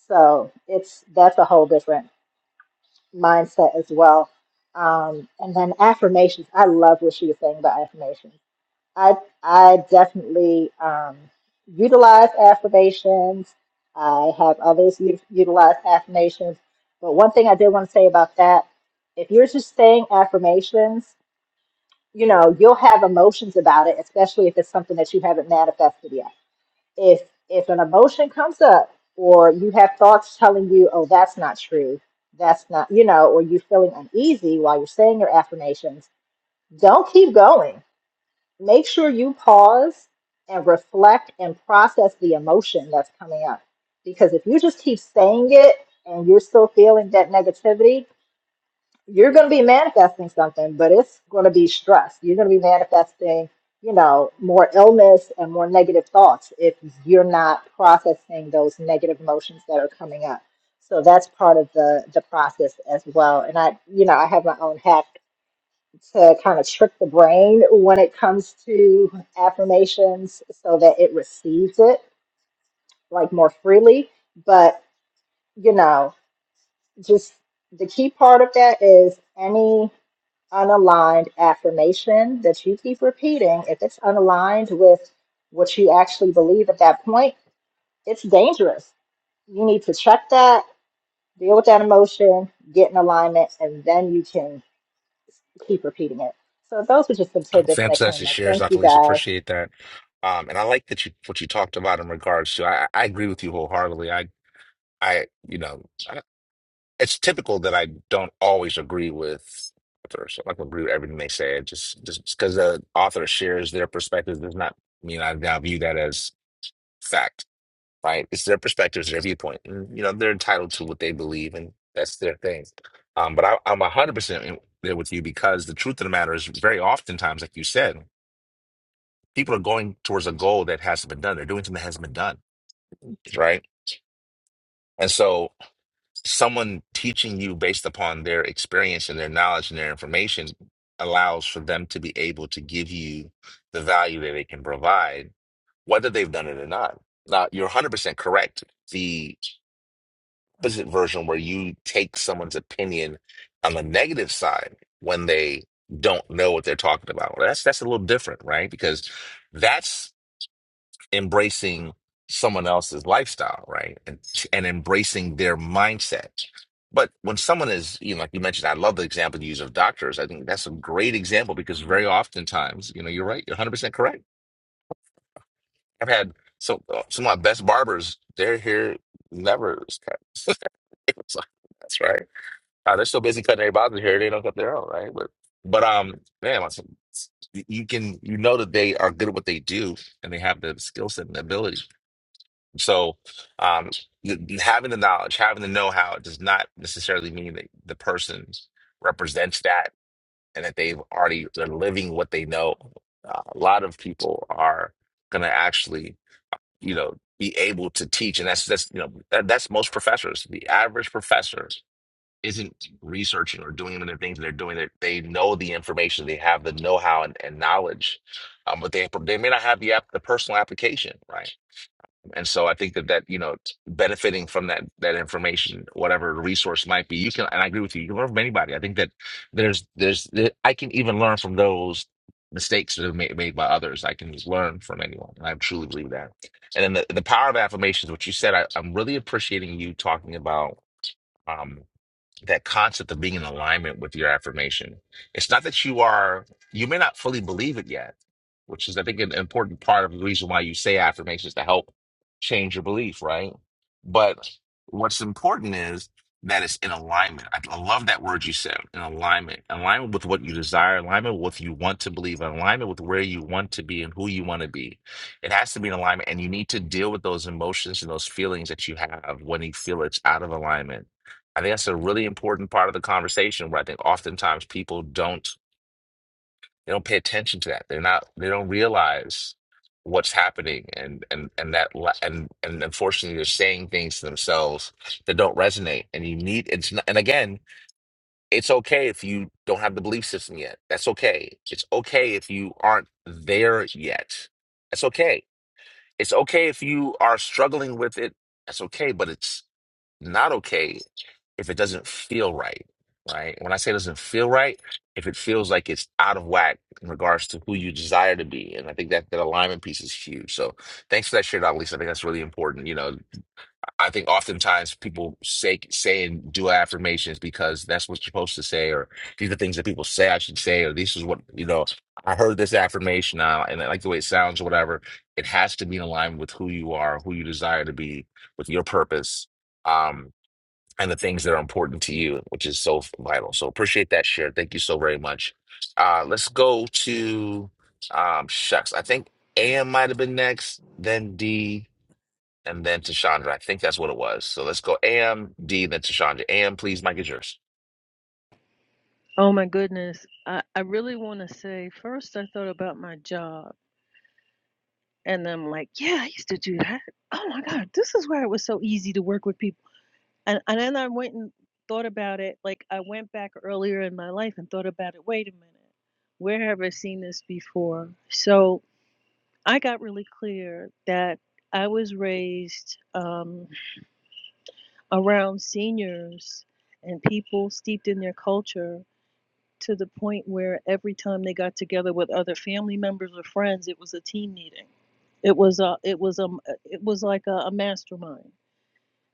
So it's that's a whole different mindset as well. Um, and then affirmations. I love what she was saying about affirmations. I I definitely um, utilize affirmations. I have others u- utilize affirmations. But one thing I did want to say about that, if you're just saying affirmations, you know, you'll have emotions about it, especially if it's something that you haven't manifested yet if if an emotion comes up or you have thoughts telling you oh that's not true that's not you know or you're feeling uneasy while you're saying your affirmations don't keep going make sure you pause and reflect and process the emotion that's coming up because if you just keep saying it and you're still feeling that negativity you're going to be manifesting something, but it's going to be stress. You're going to be manifesting, you know, more illness and more negative thoughts if you're not processing those negative emotions that are coming up. So that's part of the the process as well. And I, you know, I have my own hack to kind of trick the brain when it comes to affirmations so that it receives it like more freely, but you know, just the key part of that is any unaligned affirmation that you keep repeating, if it's unaligned with what you actually believe at that point, it's dangerous. You need to check that, deal with that emotion, get in alignment, and then you can keep repeating it. So those were just some tidbits that Fantastic came up. shares, Thank Dr. you Lisa. guys. Appreciate that. Um, and I like that you what you talked about in regards to I, I agree with you wholeheartedly. I I you know it's typical that I don't always agree with authors. I'm not gonna agree with everything they say. It Just just because the author shares their perspective does not mean I now view that as fact. Right? It's their perspective, it's their viewpoint. And, you know, they're entitled to what they believe, and that's their thing. Um, but I, I'm 100% in- there with you because the truth of the matter is, very oftentimes, like you said, people are going towards a goal that hasn't been done. They're doing something that hasn't been done, right? And so someone teaching you based upon their experience and their knowledge and their information allows for them to be able to give you the value that they can provide, whether they've done it or not. Now, you're 100% correct. The opposite version where you take someone's opinion on the negative side when they don't know what they're talking about. Well, that's that's a little different, right? Because that's embracing someone else's lifestyle, right? And and embracing their mindset. But when someone is, you know, like you mentioned, I love the example you use of doctors. I think that's a great example because very oftentimes, you know, you're right, you're 100% correct. I've had so uh, some of my best barbers, their hair never is cut. *laughs* It's like, that's right. Uh, they're so busy cutting everybody's hair, they don't cut their own, right? But but um, man, like, you you can you know that they are good at what they do and they have the skill set and the ability. So, um, the, having the knowledge, having the know-how does not necessarily mean that the person represents that and that they've already, they're living what they know. Uh, a lot of people are going to actually, you know, be able to teach. And that's, that's, you know, that, that's most professors. The average professor isn't researching or doing the things that they're doing. They, they know the information, they have the know-how and, and knowledge, um, but they, they may not have the, app, the personal application, right? And so I think that that you know t- benefiting from that that information, whatever resource might be, you can. And I agree with you. You can learn from anybody. I think that there's there's there- I can even learn from those mistakes that are made, made by others. I can learn from anyone, and I truly believe that. And then the, the power of affirmations, which you said, I, I'm really appreciating you talking about. Um, that concept of being in alignment with your affirmation. It's not that you are, you may not fully believe it yet, which is, I think, an important part of the reason why you say affirmations to help change your belief, right? But what's important is that it's in alignment. I, I love that word you said, in alignment. Alignment with what you desire, alignment with what you want to believe, alignment with where you want to be and who you want to be. It has to be in alignment, and you need to deal with those emotions and those feelings that you have when you feel it's out of alignment I think that's a really important part of the conversation where I think oftentimes people don't they don't pay attention to that. They're not they don't realize what's happening and and and that la- and and unfortunately they're saying things to themselves that don't resonate and you need it's not, and again it's okay if you don't have the belief system yet that's okay it's okay if you aren't there yet that's okay it's okay if you are struggling with it that's okay but it's not okay if it doesn't feel right, right? When I say it doesn't feel right, if it feels like it's out of whack in regards to who you desire to be. And I think that that alignment piece is huge. So thanks for that share, Dr. Lisa. I think that's really important. You know, I think oftentimes people say saying do affirmations because that's what you're supposed to say, or these are things that people say I should say, or this is what, you know, I heard this affirmation now and I like the way it sounds or whatever. It has to be in alignment with who you are, who you desire to be, with your purpose um, and the things that are important to you, which is so vital. So appreciate that share. Thank you so very much. Uh, let's go to um, shucks. I think AM might have been next, then D, and then Tashandra. I think that's what it was. So let's go AM, D, then Tashandra. AM, please, Mike is yours. Oh my goodness. I, I really want to say first, I thought about my job. And I'm like, yeah, I used to do that. Oh my God, this is where it was so easy to work with people. And, and then I went and thought about it. Like, I went back earlier in my life and thought about it. Wait a minute. Where have I seen this before? So I got really clear that I was raised um, around seniors and people steeped in their culture to the point where every time they got together with other family members or friends, it was a team meeting. It was a, it was a, it was like a, a mastermind.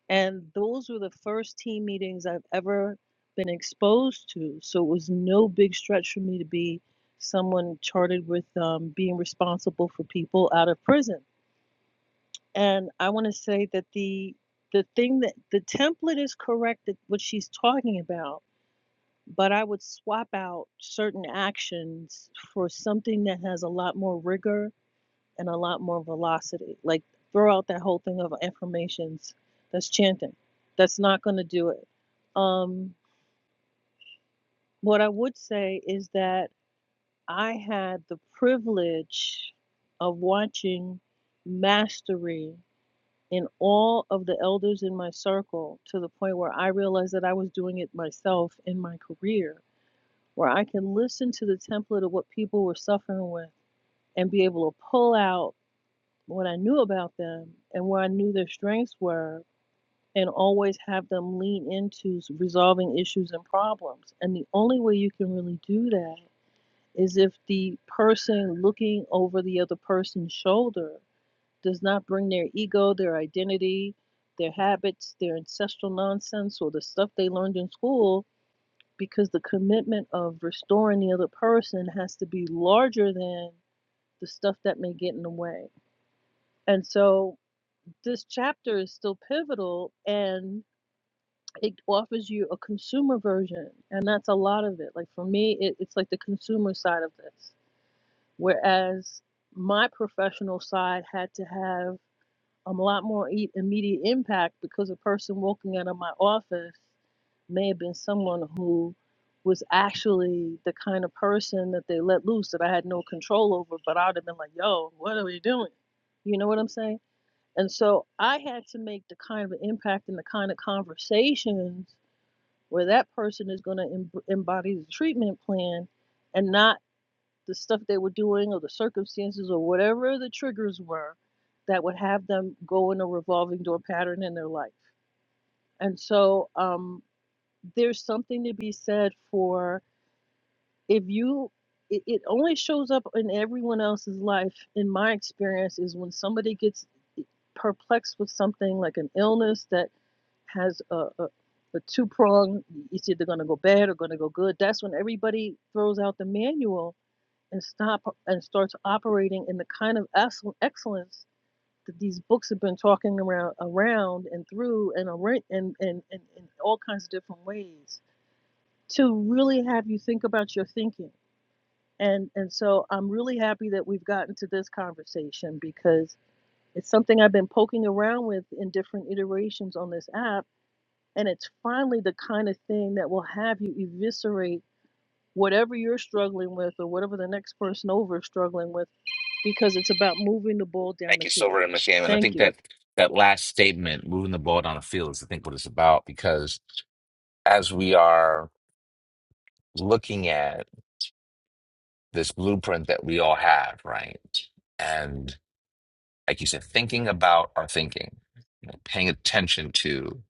And those were the first team meetings I've ever been exposed to. So it was no big stretch for me to be someone charted with um, being responsible for people out of prison And I want to say that the the thing that the template is correct that what she's talking about, but I would swap out certain actions for something that has a lot more rigor and a lot more velocity. Like throw out that whole thing of affirmations. That's chanting. That's not going to do it. Um, what I would say is that I had the privilege of watching mastery In all of the elders in my circle to the point where I realized that I was doing it myself in my career, where I can listen to the template of what people were suffering with and be able to pull out what I knew about them and where I knew their strengths were and always have them lean into resolving issues and problems. And the only way you can really do that is if the person looking over the other person's shoulder does not bring their ego, their identity, their habits, their ancestral nonsense, or the stuff they learned in school, because the commitment of restoring the other person has to be larger than the stuff that may get in the way. And so this chapter is still pivotal and it offers you a consumer version. And that's a lot of it. Like for me, it, it's like the consumer side of this. Whereas my professional side had to have um, a lot more e- immediate impact because a person walking out of my office may have been someone who was actually the kind of person that they let loose that I had no control over, but I would have been like, yo, what are we doing? You know what I'm saying? And so I had to make the kind of impact and the kind of conversations where that person is going to embody the treatment plan and not the stuff they were doing or the circumstances or whatever the triggers were that would have them go in a revolving door pattern in their life. And so um, there's something to be said for if you, it, it only shows up in everyone else's life, in my experience, is when somebody gets perplexed with something like an illness that has a, a a two prong, it's either going to go bad or going to go good. That's when everybody throws out the manual and stop and starts operating in the kind of excellence that these books have been talking around around and through and around and and and in all kinds of different ways to really have you think about your thinking and and so i'm really happy that we've gotten to this conversation because it's something i've been poking around with in different iterations on this app and it's finally the kind of thing that will have you eviscerate whatever you're struggling with or whatever the next person over is struggling with because it's about moving the ball down Thank the you so field. very much, AM. And I Thank think you. that that last statement, moving the ball down the field, is I think what it's about because as we are looking at this blueprint that we all have, right? like you said, thinking about our thinking, you know, paying attention to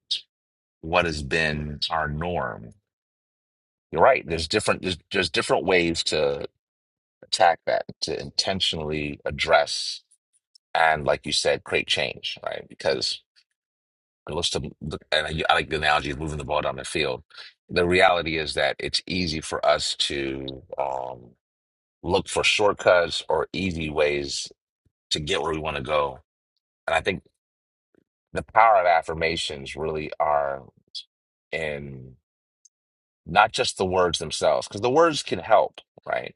what has been our norm. You're right. There's different there's, there's different ways to attack that, to intentionally address and, like you said, create change, right? Because it looks to and I, I like the analogy of moving the ball down the field. The reality is that it's easy for us to um, look for shortcuts or easy ways to get where we want to go. And I think the power of affirmations really are. and not just the words themselves, because the words can help, right?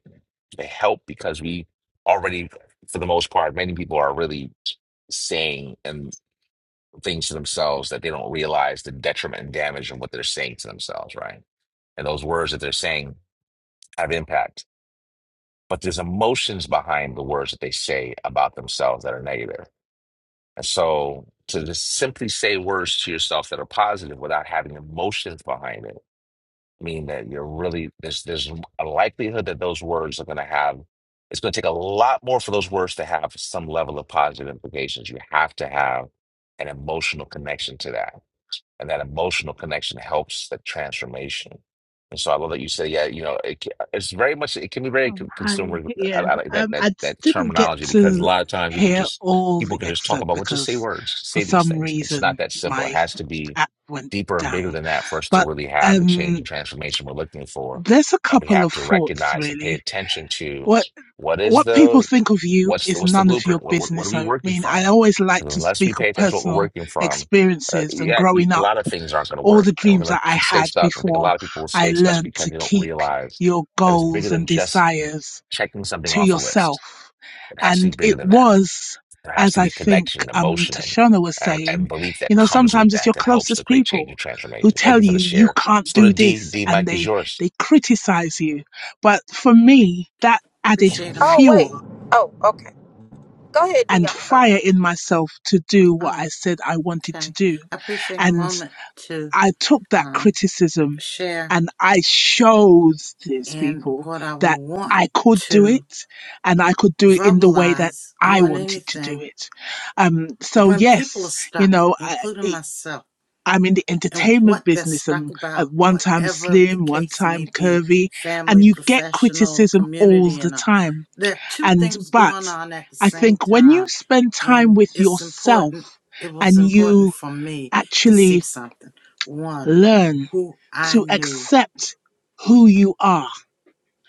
They help because we already, for the most part, many people are really saying and things to themselves that they don't realize the detriment and damage of what they're saying to themselves, right? And those words that they're saying have impact. But there's emotions behind the words that they say about themselves that are negative. And so to just simply say words to yourself that are positive without having emotions behind it mean that you're really there's there's a likelihood that those words are going to have it's going to take a lot more for those words to have some level of positive implications. You have to have an emotional connection to that and that emotional connection helps the transformation. And so I love that you say, yeah, you know, it, ca- it's very much it can be very Um, con- hi, consumer. I, yeah. I like that Um, that I just that didn't get terminology because a to lot of times we can hear just all people the can just talk excerpt about well, just say because words, just for say these some things. It's not reason that simple. It my has to be app went deeper and down. bigger than that for us to But really have the change and um, transformation we're looking for. there's a And we couple have of to thoughts recognize and pay really. attention to What what is what people the think of you what's the is what's the none of your blueprint? What what, what are business. we I working mean, I from? always like Because to unless we speak of pay attention to what we're personal working from, uh, experiences and yeah, you, growing a up, lot of things aren't going to all work. the And we're dreams going that I to stay had stuck. I think a before lot of people will I stay stuck learned because to they don't keep realize your that it's bigger goals than and just desires checking something to off a list. yourself. It has to be And bigger it than that. was, There has as to I be think connection, um, emotion, and, Tashana was and, and saying, belief you that know, comes with sometimes it's that your that helps to closest create change and people who transformation. Thank you tell for the you you share. can't Let's go to do D. this D, and Mike is they, yours. they criticize you. But for me, that added Appreciate a moment. fuel and fire in myself to do what Oh, I said I wanted to okay. do. I appreciate a and. moment to I took that um, criticism share and I showed these and people what I that want I could do to it and I could do it in the way that verbalize I more than wanted to do anything. it. Um, so When people are yes, you stuck, know, I, including it- myself. I'm in the and entertainment what they're business stuck and about, at one time whatever the slim, one case may time be curvy, and family, you get professional, criticism all community, the and all. time. There are two And, things going but on at the I same think when you time, spend time and with it's important. yourself It was and important you for me to see actually something. One, learn who I to knew, accept who you are,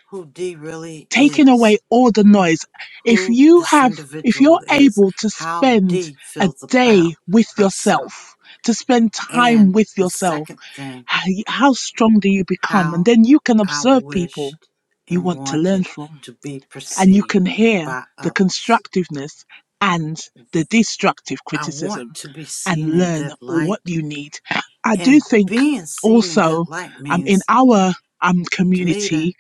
who D really taking away is, all the noise. If who you this have, if you're individual is, able to how spend D a feels about day with herself. yourself, to spend time And with the yourself, second thing h- how strong do you become? And how then you can I observe people wished you and want to learn wanted from. to be And you perceived can hear by the others. constructiveness and the destructive I want criticism to be seen and in learn good what light, you need. I do and think being seen in good also light um, in means our um, Demita community,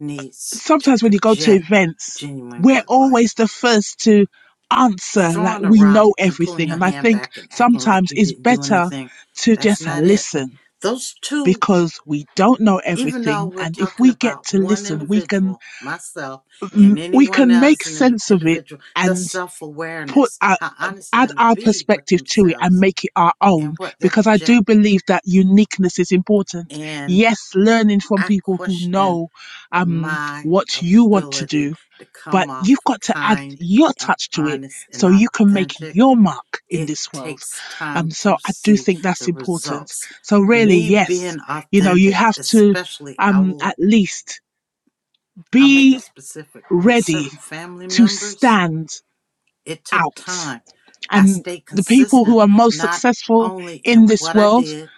needs to sometimes when you go to project events, genuine we're good light. always the first to answer like Throwing a we rock know and pulling everything. your And I hand think back and acting like sometimes you it's didn't do better anything, to that's just not it. listen Those two because we don't know even though everything. we're And if talking we get about to one listen, we can individual, myself, and we anyone can make else, an sense of it individual, their and self put awareness, our, how honest they're add going to our be with perspective to it and themselves make it our and own what they're because i do projecting. believe that uniqueness is important And yes learning from I people who question know um, my what you want to ability do to but come you've off got to add kind your and touch to it honest and so you can make authentic. your mark in It this world takes um, time so to i do see think that's the important results. so really Me yes being you know you authentic, have to especially, I um, will at least I'll make it be specific with ready certain family to members. stand It took out. time. I And stayed the people who consistent, are most not successful only in in this what I world did,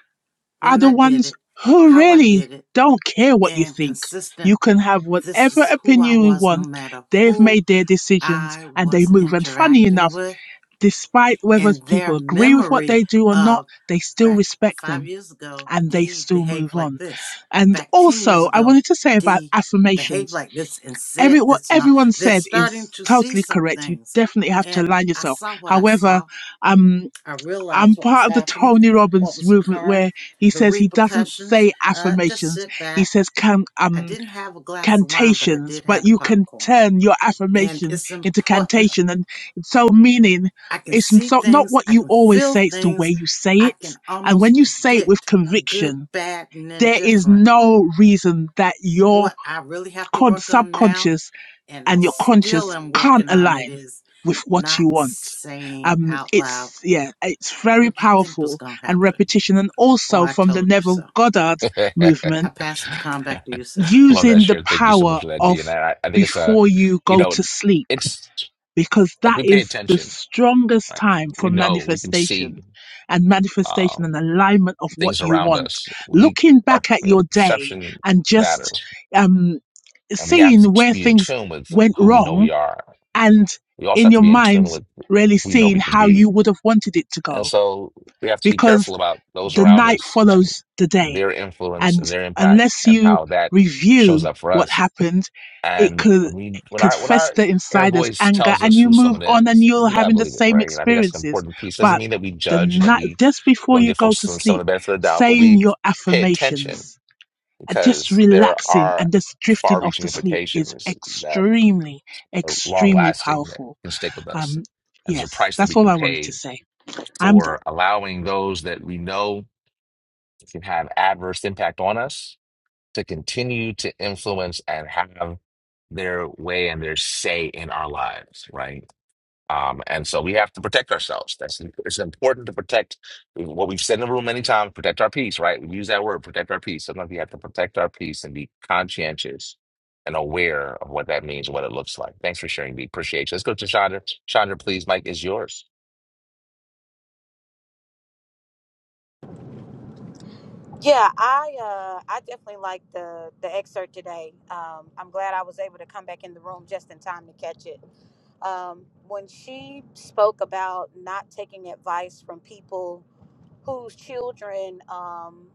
are when the I did ones it, who how I really did it, don't care what you and think. consistent. You can have This whatever is who I opinion you was, no want. matter They've who made their decisions I and they was move. And funny interacting enough, with, despite whether and their people agree with what memory they do or not, of they still Back respect five them years ago, and they D still behaved move like on. this. And Back 10 years also, I ago, wanted to say about D behaved affirmations. like this and said Every, what this and all. everyone They're said starting is to see totally some correct. You things. definitely have to And align I yourself. saw what I However, saw. um. I realized I'm what was part of the happening, Tony what Robbins was movement occurring, where he the says he doesn't repercussions. say Uh, just affirmations. sit He back. says can, I um, didn't have a glass of wine, but I cantations, did but have a you can popcorn. turn your And affirmation it's into important cantation. And so meaning I can it's see not, not things, what I you can always feel say, it's the way things, you say I it. can And when almost you say it with predict good, conviction, bad, and there is indifferent. no reason that your What I really have to con- work on now, subconscious and I and your still conscience am can't working on it, align is with what not you want. saying Um, out loud, it's yeah, it's very What'd you think was powerful going to and happen? repetition, and Or also I from the told you Neville so. Goddard *laughs* Love I movement, pass the baton back to you, sir. that using the share. Thank you so much power for that, of D. And I, I think it's a, before you you go know, to sleep, it's because like that we pay is the attention. strongest Like time we for know, we can see. manifestation and manifestation um, and alignment of what things you around want. us. We Looking our back at you know your day perception and just matters, um, and we have seeing to t- where be in things tune with went who we know wrong we are. and We also in have to your be in mind tune with really who we know seeing we can how be, you would have wanted it to and go so we have to be because careful about those the around night us and follows the day their influence and and their impact unless and you how that shows review up for what us. happened it And could when we it when could our when our fester inner inside as voice anger tells and us you who move someone on and is, you're we gotta having the believe it, same right? And I think that's an experiences important piece. Doesn't but mean that we the judge and that night we just before don't you give go folks to some some of sleep the benefit of the doubt, but saying we your pay attention affirmations and just because there relaxing are and just drifting off far-reaching to sleep is implications that extremely are extremely long-lasting that powerful can stick with us. um, And there's a yes, price that that's we all can I wanted to pay say. I'm done. for allowing those that we know can have adverse impact on us to continue to influence and have their way and their say in our lives, right? Um, and so we have to protect ourselves. That's it's important to protect what we've said in the room many times, protect our peace, right? We use that word, protect our peace. Sometimes we have to protect our peace and be conscientious and aware of what that means and what it looks like. Thanks for sharing, Dee. Appreciate you. Let's go to Chandra. Chandra, please, Mike is yours. Yeah, I uh, I definitely like the the excerpt today. Um, I'm glad I was able to come back in the room just in time to catch it. Um, when she spoke about not taking advice from people whose children um,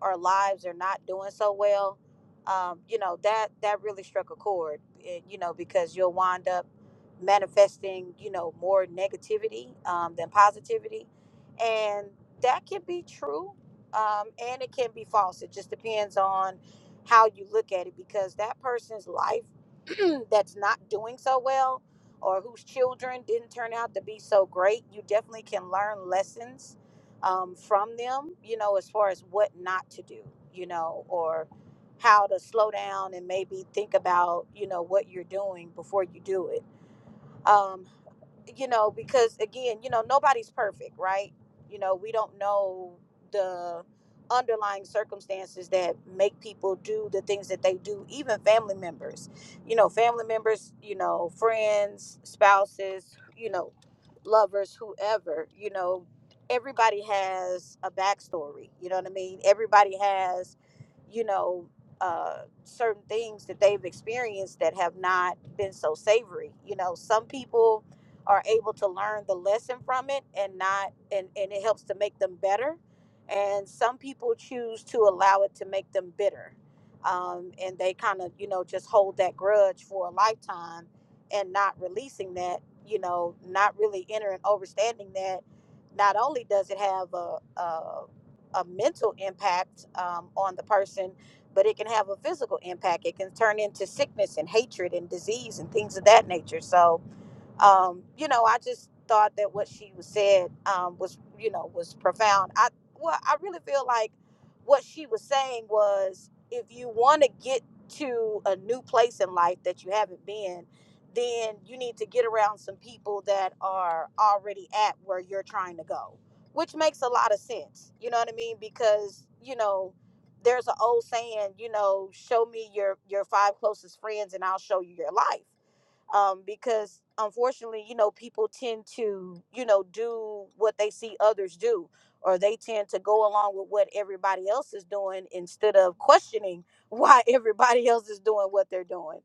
or lives are not doing so well, um, you know that that really struck a chord. It, you know because you'll wind up manifesting you know more negativity um, than positivity, and that can be true, um, and it can be false. It just depends on how you look at it because that person's life *clears throat* that's not doing so well or whose children didn't turn out to be so great you definitely can learn lessons um, from them, you know, as far as what not to do, you know, or how to slow down and maybe think about, you know, what you're doing before you do it. Um, you know, because again, you know, nobody's perfect, right? You know, we don't know the underlying circumstances that make people do the things that they do, even family members. You know, family members, you know, friends, spouses, you know, lovers, whoever, you know, everybody has a backstory. You know what I mean? Everybody has, you know, uh, certain things that they've experienced that have not been so savory. You know, some people are able to learn the lesson from it and not and, and it helps to make them better and some people choose to allow it to make them bitter um, and they kind of you know just hold that grudge for a lifetime and not releasing that you know not really entering understanding that not only does it have a, a, a mental impact um, on the person but it can have a physical impact it can turn into sickness and hatred and disease and things of that nature so um, you know, I just thought that what she was said um, was, you know, was profound. I well, I really feel like what she was saying was, if you want to get to a new place in life that you haven't been, then you need to get around some people that are already at where you're trying to go, which makes a lot of sense. You know what I mean? Because you know. There's an old saying, you know, show me your your five closest friends and I'll show you your life um, because unfortunately, you know, people tend to, you know, do what they see others do, or they tend to go along with what everybody else is doing instead of questioning *laughs* why everybody else is doing what they're doing.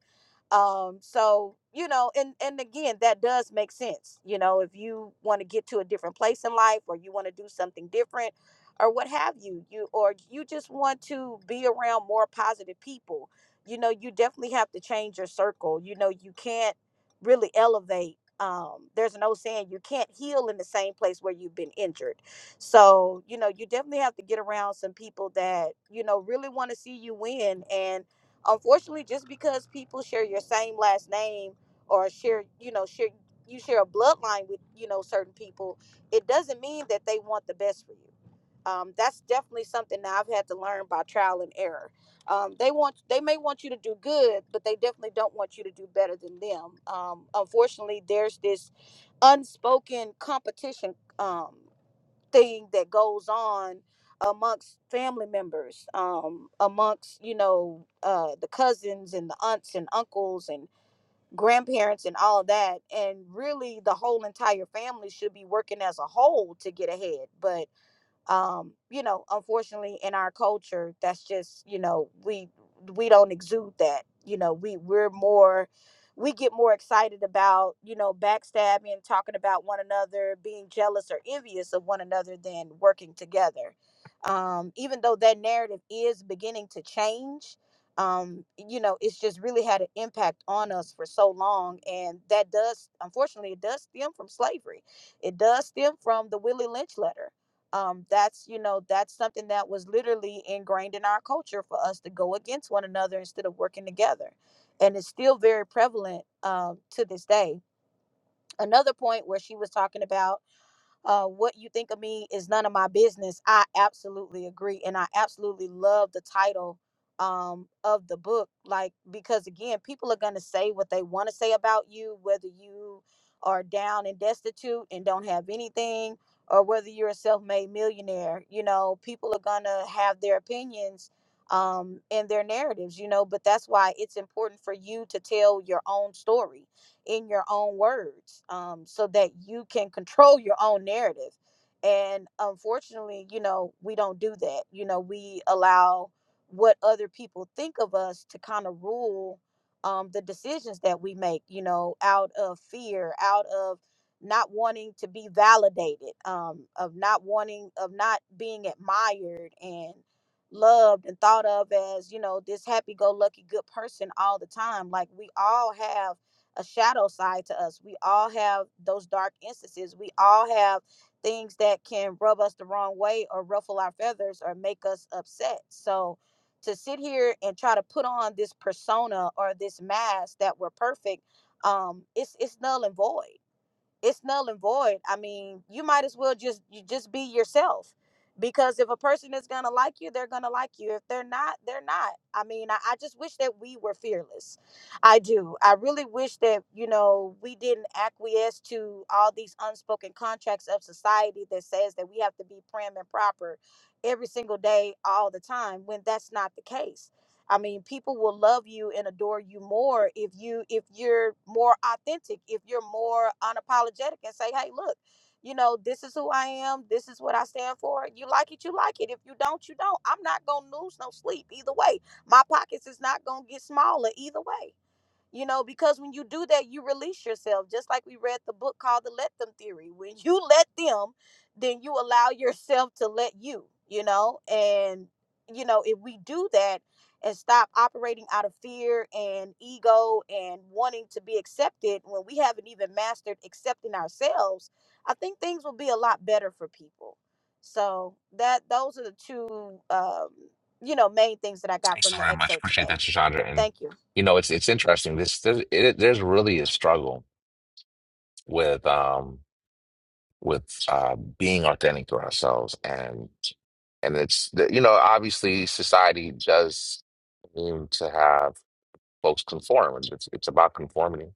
Um, so you know, and and again, that does make sense. You know, if you want to get to a different place in life, or you want to do something different, or what have you, you or you just want to be around more positive people. You know, you definitely have to change your circle. You know, you can't really elevate. Um, there's an old saying, you can't heal in the same place where you've been injured. So, you know, you definitely have to get around some people that, you know, really want to see you win. And unfortunately, just because people share your same last name or share, you know, share you share a bloodline with, you know, certain people, it doesn't mean that they want the best for you um, that's definitely something that I've had to learn by trial and error. Um, they want they may want you to do good, but they definitely don't want you to do better than them. Um, unfortunately, there's this unspoken competition um, thing that goes on amongst family members, um, amongst you know uh, the cousins and the aunts and uncles and grandparents and all that, and really the whole entire family should be working as a whole to get ahead, but um you know unfortunately in our culture that's just you know we we don't exude that you know we we're more we get more excited about you know backstabbing talking about one another being jealous or envious of one another than working together um even though that narrative is beginning to change um you know it's just really had an impact on us for so long and that does unfortunately it does stem from slavery it does stem from the willie lynch letter um, that's you know that's something that was literally ingrained in our culture for us to go against one another instead of working together and it's still very prevalent um, to this day another point where she was talking about uh, what you think of me is none of my business. I absolutely agree. And I absolutely love the title um, of the book. Like, because again, people are going to say what they want to say about you, whether you are down and destitute and don't have anything, or whether you're a self made millionaire. You know, people are going to have their opinions um, and their narratives, you know, but that's why it's important for you to tell your own story in your own words um, so that you can control your own narrative. And unfortunately, you know, we don't do that. You know, we allow what other people think of us to kind of rule um, the decisions that we make, you know, out of fear, out of not wanting to be validated, um, of not wanting, of not being admired and loved and thought of as, you know, this happy go lucky good person all the time. Like we all have a shadow side to us. We all have those dark instances. We all have things that can rub us the wrong way or ruffle our feathers or make us upset. So to sit here and try to put on this persona or this mask that we're perfect, um, it's it's null and void it's null and void. I mean, you might as well just you just be yourself. Because if a person is gonna like you, they're gonna like you. If they're not, they're not. I mean, I, I just wish that we were fearless. I do. I really wish that, you know, we didn't acquiesce to all these unspoken contracts of society that says that we have to be prim and proper every single day, all the time, when that's not the case I mean, people will love you and adore you more if you if you're more authentic, if you're more unapologetic and say, "Hey, look, you know, this is who I am. This is what I stand for. You like it, you like it. If you don't, you don't. I'm not going to lose no sleep either way. My pockets is not going to get smaller either way." You know, because when you do that, you release yourself. Just like we read the book called The Let Them Theory. When *laughs* you let them, then you allow yourself to let you, you know? And, you know, if we do that and stop operating out of fear and ego and wanting to be accepted when we haven't even mastered accepting ourselves, I think things will be a lot better for people. So that those are the two um, you know, main things that I got Thanks so from the very much. excerpt Appreciate today. that, Chandra. And Thank you. you know, it's it's interesting. This there's, it, there's really a struggle with um with uh being authentic to ourselves and. And it's, the, you know, obviously society does need to have folks conform. It's, it's it's about conformity.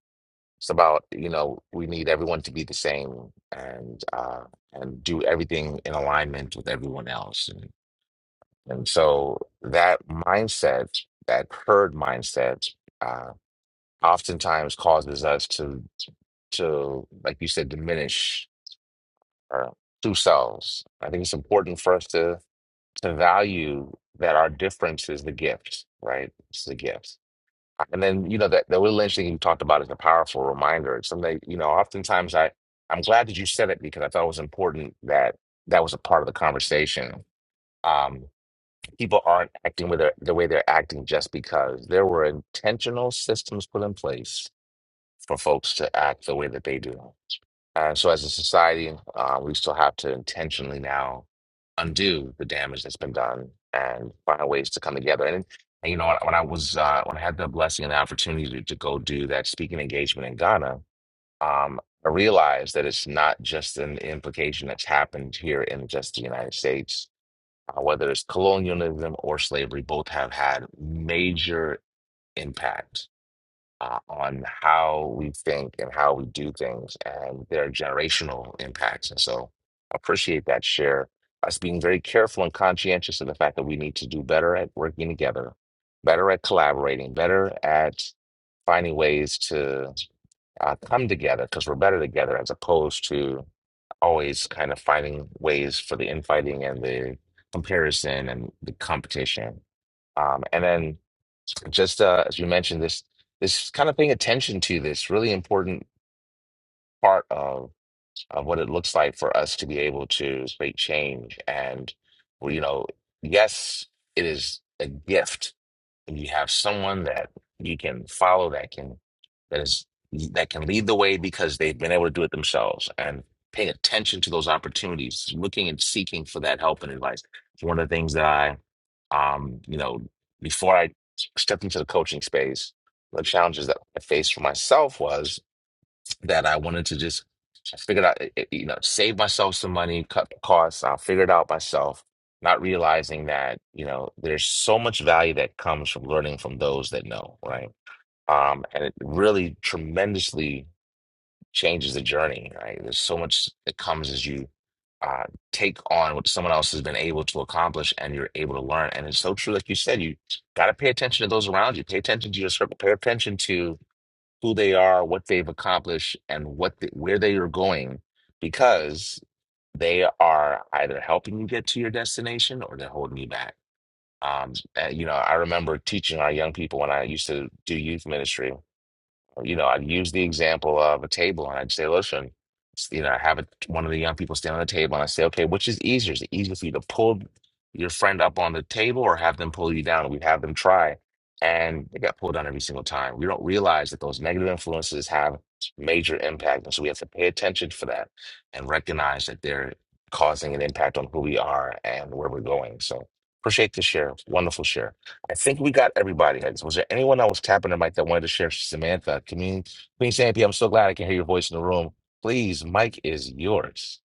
It's about, you know, we need everyone to be the same and uh, and do everything in alignment with everyone else. And, and so that mindset, that herd mindset, uh, oftentimes causes us to to, like you said, diminish our true selves. I think it's important for us to to value that our difference is the gift, right? It's the gift. And then, you know, that, that Will Lynch thing you talked about is a powerful reminder. It's something, you know, oftentimes I, I'm glad that you said it because I thought it was important that that was a part of the conversation. Um, people aren't acting with their, the way they're acting just because there were intentional systems put in place for folks to act the way that they do. Uh, so as a society, uh, we still have to intentionally now undo the damage that's been done and find ways to come together. And, and you know, when, when I was uh, when I had the blessing and the opportunity to, to go do that speaking engagement in Ghana, um, I realized that it's not just an implication that's happened here in just the United States. Uh, whether it's colonialism or slavery, both have had major impact uh, on how we think and how we do things and their generational impacts. And so I appreciate that share. Us being very careful and conscientious of the fact that we need to do better at working together, better at collaborating, better at finding ways to uh, come together because we're better together as opposed to always kind of finding ways for the infighting and the comparison and the competition. Um, and then just uh, as you mentioned this this kind of paying attention to this really important part of of what it looks like for us to be able to create change and well, you know yes it is a gift and you have someone that you can follow that can that is that can lead the way because they've been able to do it themselves and paying attention to those opportunities looking and seeking for that help and advice it's one of the things that i um you know before i stepped into the coaching space the challenges that i faced for myself was that I wanted to just I figured out, eh, eh, you know, save myself some money, cut costs. I'll figure it out myself, not realizing that, you know, there's so much value that comes from learning from those that know, right? Um, and it really tremendously changes the journey, right? There's so much that comes as you uh, take on what someone else has been able to accomplish and you're able to learn. And it's so true, like you said, you got to pay attention to those around you, pay attention to your circle, pay attention to who they are, what they've accomplished, and what the, where they are going, because they are either helping you get to your destination or they're holding you back. Um, and, you know, I remember teaching our young people when I used to do youth ministry you know, I'd use the example of a table and I'd say, listen, s- you know, I have a, one of the young people stand on the table and I say, okay, which is easier? Is it easier for you to pull your friend up on the table or have them pull you down? We'd have them try. And they got pulled down every single time. We don't realize that those negative influences have major impact. And so we have to pay attention for that and recognize that they're causing an impact on who we are and where we're going. So appreciate the share. Wonderful share. I think we got everybody. Was there anyone that was tapping the mic that wanted to share? Samantha, Queen, Queen Sampi, I'm so glad I can hear your voice in the room. Please, mic is yours.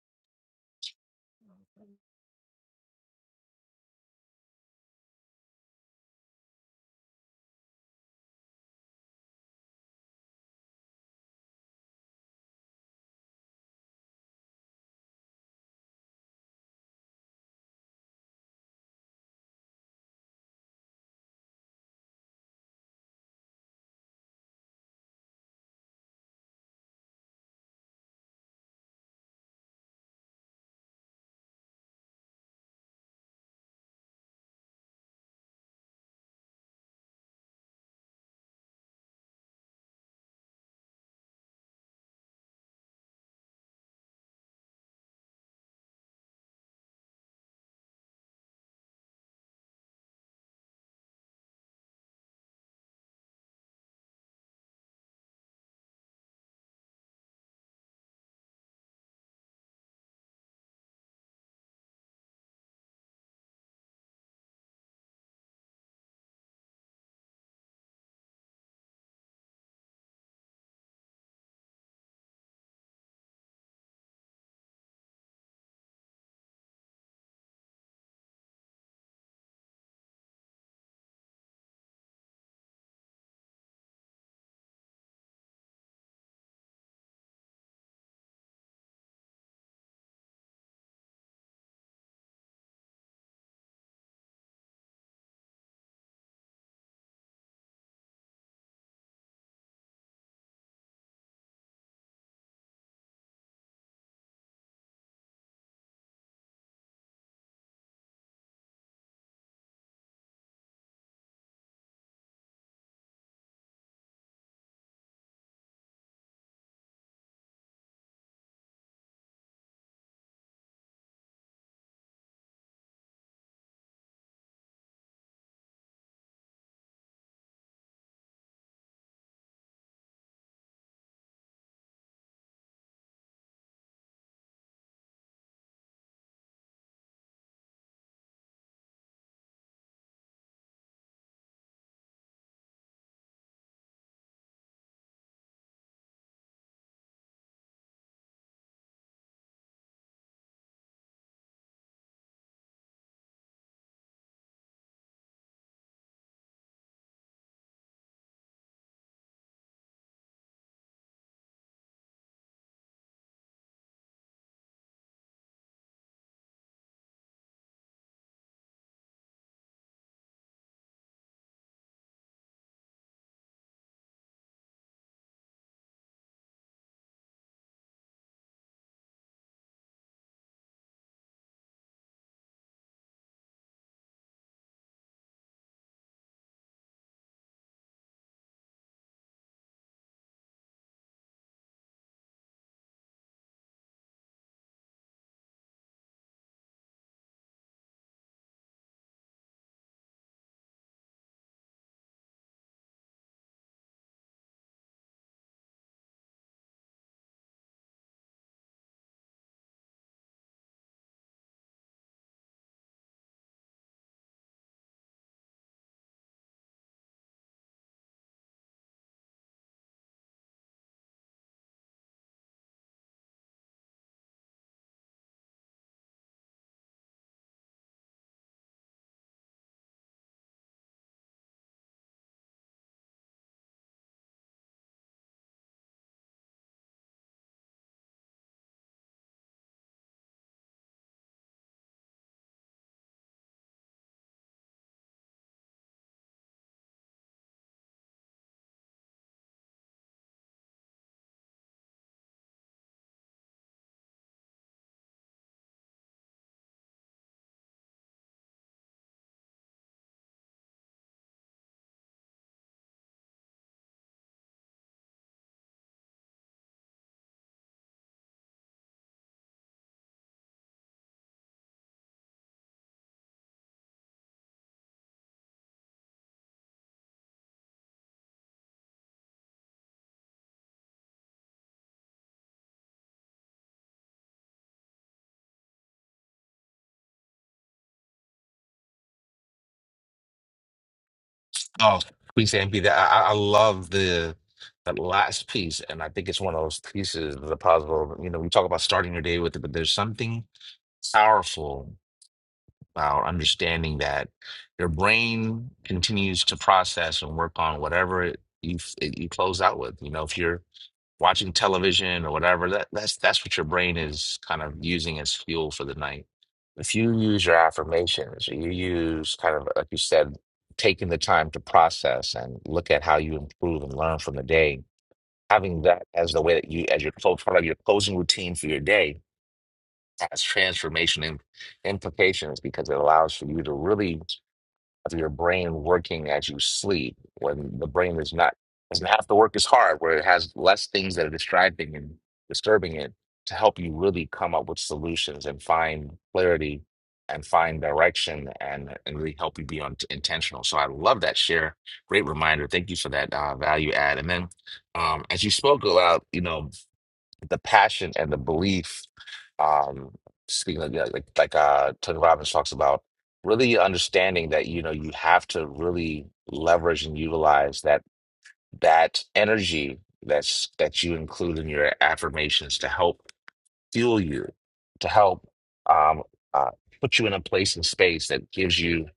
Oh, Queen Stampede, that I, I I love the that last piece, and I think it's one of those pieces of the puzzle. You know, we talk about starting your day with it, but there's something powerful about understanding that your brain continues to process and work on whatever it, you it, you close out with. You know, if you're watching television or whatever, that, that's that's what your brain is kind of using as fuel for the night. If you use your affirmations, or you use kind of like you said, taking the time to process and look at how you improve and learn from the day, having that as the way that you as your clo- part of your closing routine for your day has transformation im- implications because it allows for you to really of your brain working as you sleep when the brain is not doesn't have to work as hard where it has less things that are distracting and disturbing it to help you really come up with solutions and find clarity and find direction and, and really help you be on intentional so i love that share great reminder thank you for that uh, value add and then um, as you spoke about you know the passion and the belief. Um, speaking of, yeah, like like uh, Tony Robbins talks about, really understanding that you know you have to really leverage and utilize that that energy that's that you include in your affirmations to help fuel you, to help um, uh, put you in a place and space that gives you.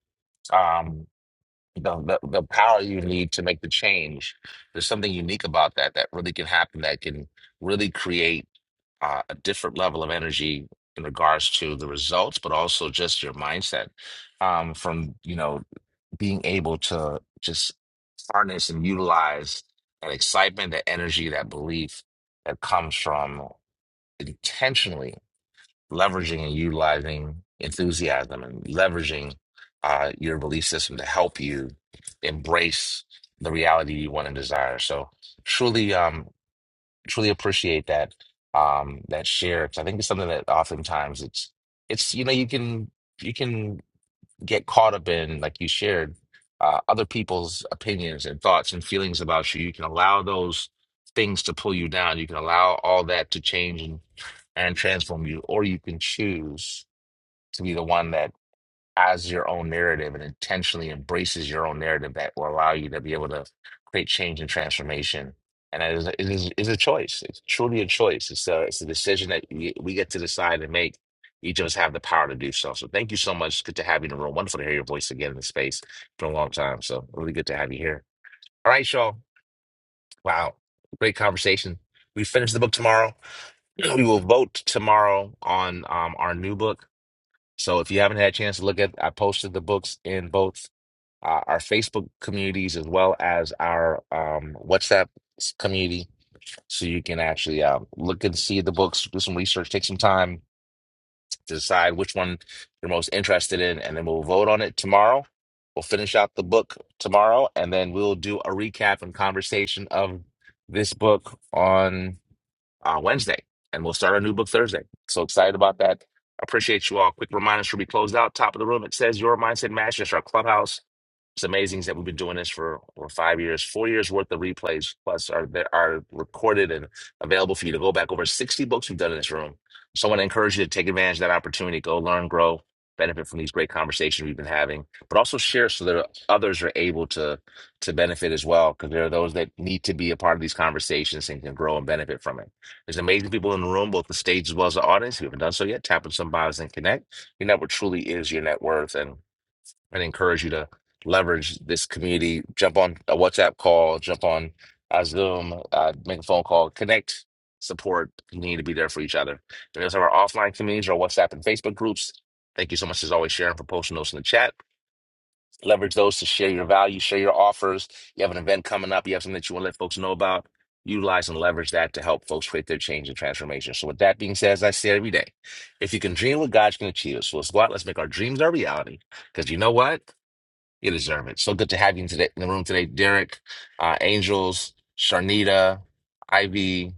Um, the, the the power you need to make the change. There's something unique about that that really can happen that can really create uh, a different level of energy in regards to the results, but also just your mindset um, from you know being able to just harness and utilize that excitement, that energy, that belief that comes from intentionally leveraging and utilizing enthusiasm and leveraging uh, your belief system to help you embrace the reality you want and desire. So truly, um, truly appreciate that um, that share. 'Cause I think it's something that oftentimes it's it's you know you can you can get caught up in, like you shared, uh, other people's opinions and thoughts and feelings about you. You can allow those things to pull you down. You can allow all that to change and, and transform you, or you can choose to be the one that as your own narrative and intentionally embraces your own narrative that will allow you to be able to create change and transformation. And it is, it is, it's a choice. It's truly a choice. It's a, it's a decision that we we get to decide and make. Each of us have the power to do so. So thank you so much. Good to have you in the room. Wonderful to hear your voice again in the space for a long time. So really good to have you here. All right, y'all. Wow. Great conversation. We finish the book tomorrow. *clears throat* We will vote tomorrow on um, our new book. So if you haven't had a chance to look at, I posted the books in both uh, our Facebook communities as well as our um, WhatsApp s- community, so you can actually um, look and see the books, do some research, take some time to decide which one you're most interested in, and then we'll vote on it tomorrow. We'll finish out the book tomorrow, and then we'll do a recap and conversation of this book on uh, Wednesday, and we'll start our new book Thursday. So excited about that. Appreciate you all. Quick reminder should we close out? Top of the room, it says Your Mindset Matters. That's our clubhouse. It's amazing that we've been doing this for over five years, four years worth of replays plus are that are recorded and available for you to go back over 60 books we've done in this room. So I want to encourage you to take advantage of that opportunity, go learn, grow, benefit from these great conversations we've been having, but also share so that others are able to to benefit as well, because there are those that need to be a part of these conversations and can grow and benefit from it. There's amazing people in the room, both the stage as well as the audience. If you haven't done so yet, tap on some bios and connect. Your network truly is your net worth. And and encourage you to leverage this community. Jump on a WhatsApp call, jump on a Zoom, uh, make a phone call, connect, support. You need to be there for each other. We also have our offline communities, our WhatsApp and Facebook groups. Thank you so much as always, Sharon, for posting those in the chat. Leverage those to share your value, share your offers. You have an event coming up, you have something that you want to let folks know about. Utilize and leverage that to help folks create their change and transformation. So, with that being said, as I say every day, if you can dream what God can achieve, so let's go out, let's make our dreams our reality. Because you know what? You deserve it. So good to have you in today in the room today, Derek, uh, Angels, Sharnita, Ivy.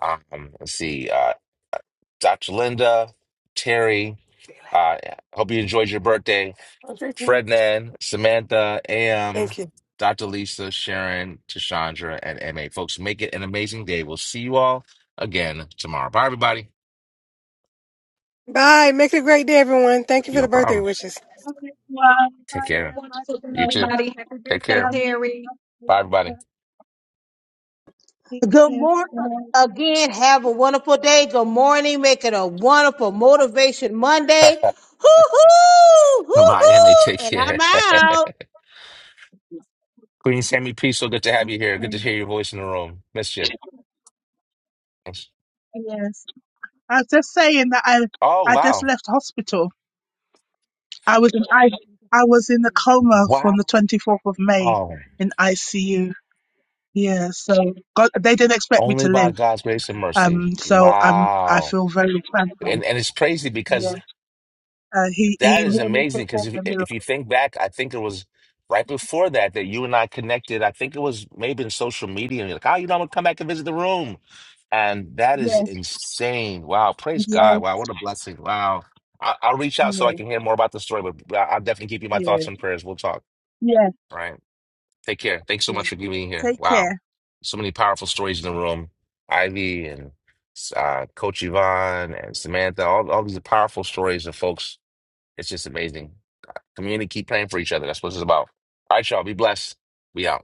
Um, let's see, uh, Dr. Linda, Terry. Uh, hope you enjoyed your birthday, Frednan, Samantha, Am, Thank you. Dr. Lisa, Sharon, Tashandra, and Ma. Folks, make it an amazing day. We'll see you all again tomorrow. Bye, everybody. Bye. Make it a great day, everyone. Thank you for No the birthday problem. wishes. Okay, well, Take I care. am about Wonderful, to day, You too. everybody. go Happy Take birthday, care. traveling. Terry. Bye, everybody. Take hoo-hoo. Good care. morning. Again, have a wonderful day. Good morning. Make it a wonderful motivation *laughs* Monday. Bye, Hoo-hoo, Ma. Take hoo-hoo. And I'm care. *laughs* out. Queen Sammy P, so good to have you here. Good to hear your voice in the room. Missed you. Yes, I was just saying that I Oh, I just wow. left hospital. I was in I I was in a coma from the Wow. twenty fourth of May in ICU. Yeah, so God, they didn't expect me to Only by live. God's grace and mercy. Um, so I'm I Wow. feel very thankful. And and it's crazy Yeah, because uh, he that he is really amazing because performed if a miracle. if you think back, I think it was right before that that you and I connected. I think it was maybe in social media and you're like, "Oh, you know, I'm gonna come back and visit the room." And that is Yeah, insane. Wow. Praise yeah, God. Wow. What a blessing. Wow. I, I'll reach out so I yeah, can hear more about the story, but I- I'll definitely keep you in my yeah. thoughts and prayers. We'll talk. Yes, All right. Take care. Thanks so yes. much for giving me here. Take care. Wow. So many powerful stories in the room. Ivy and uh, Coach Yvonne and Samantha, all, all these are powerful stories of folks. It's just amazing. Community, keep praying for each other. That's what it's about. All right, y'all. Be blessed. We out.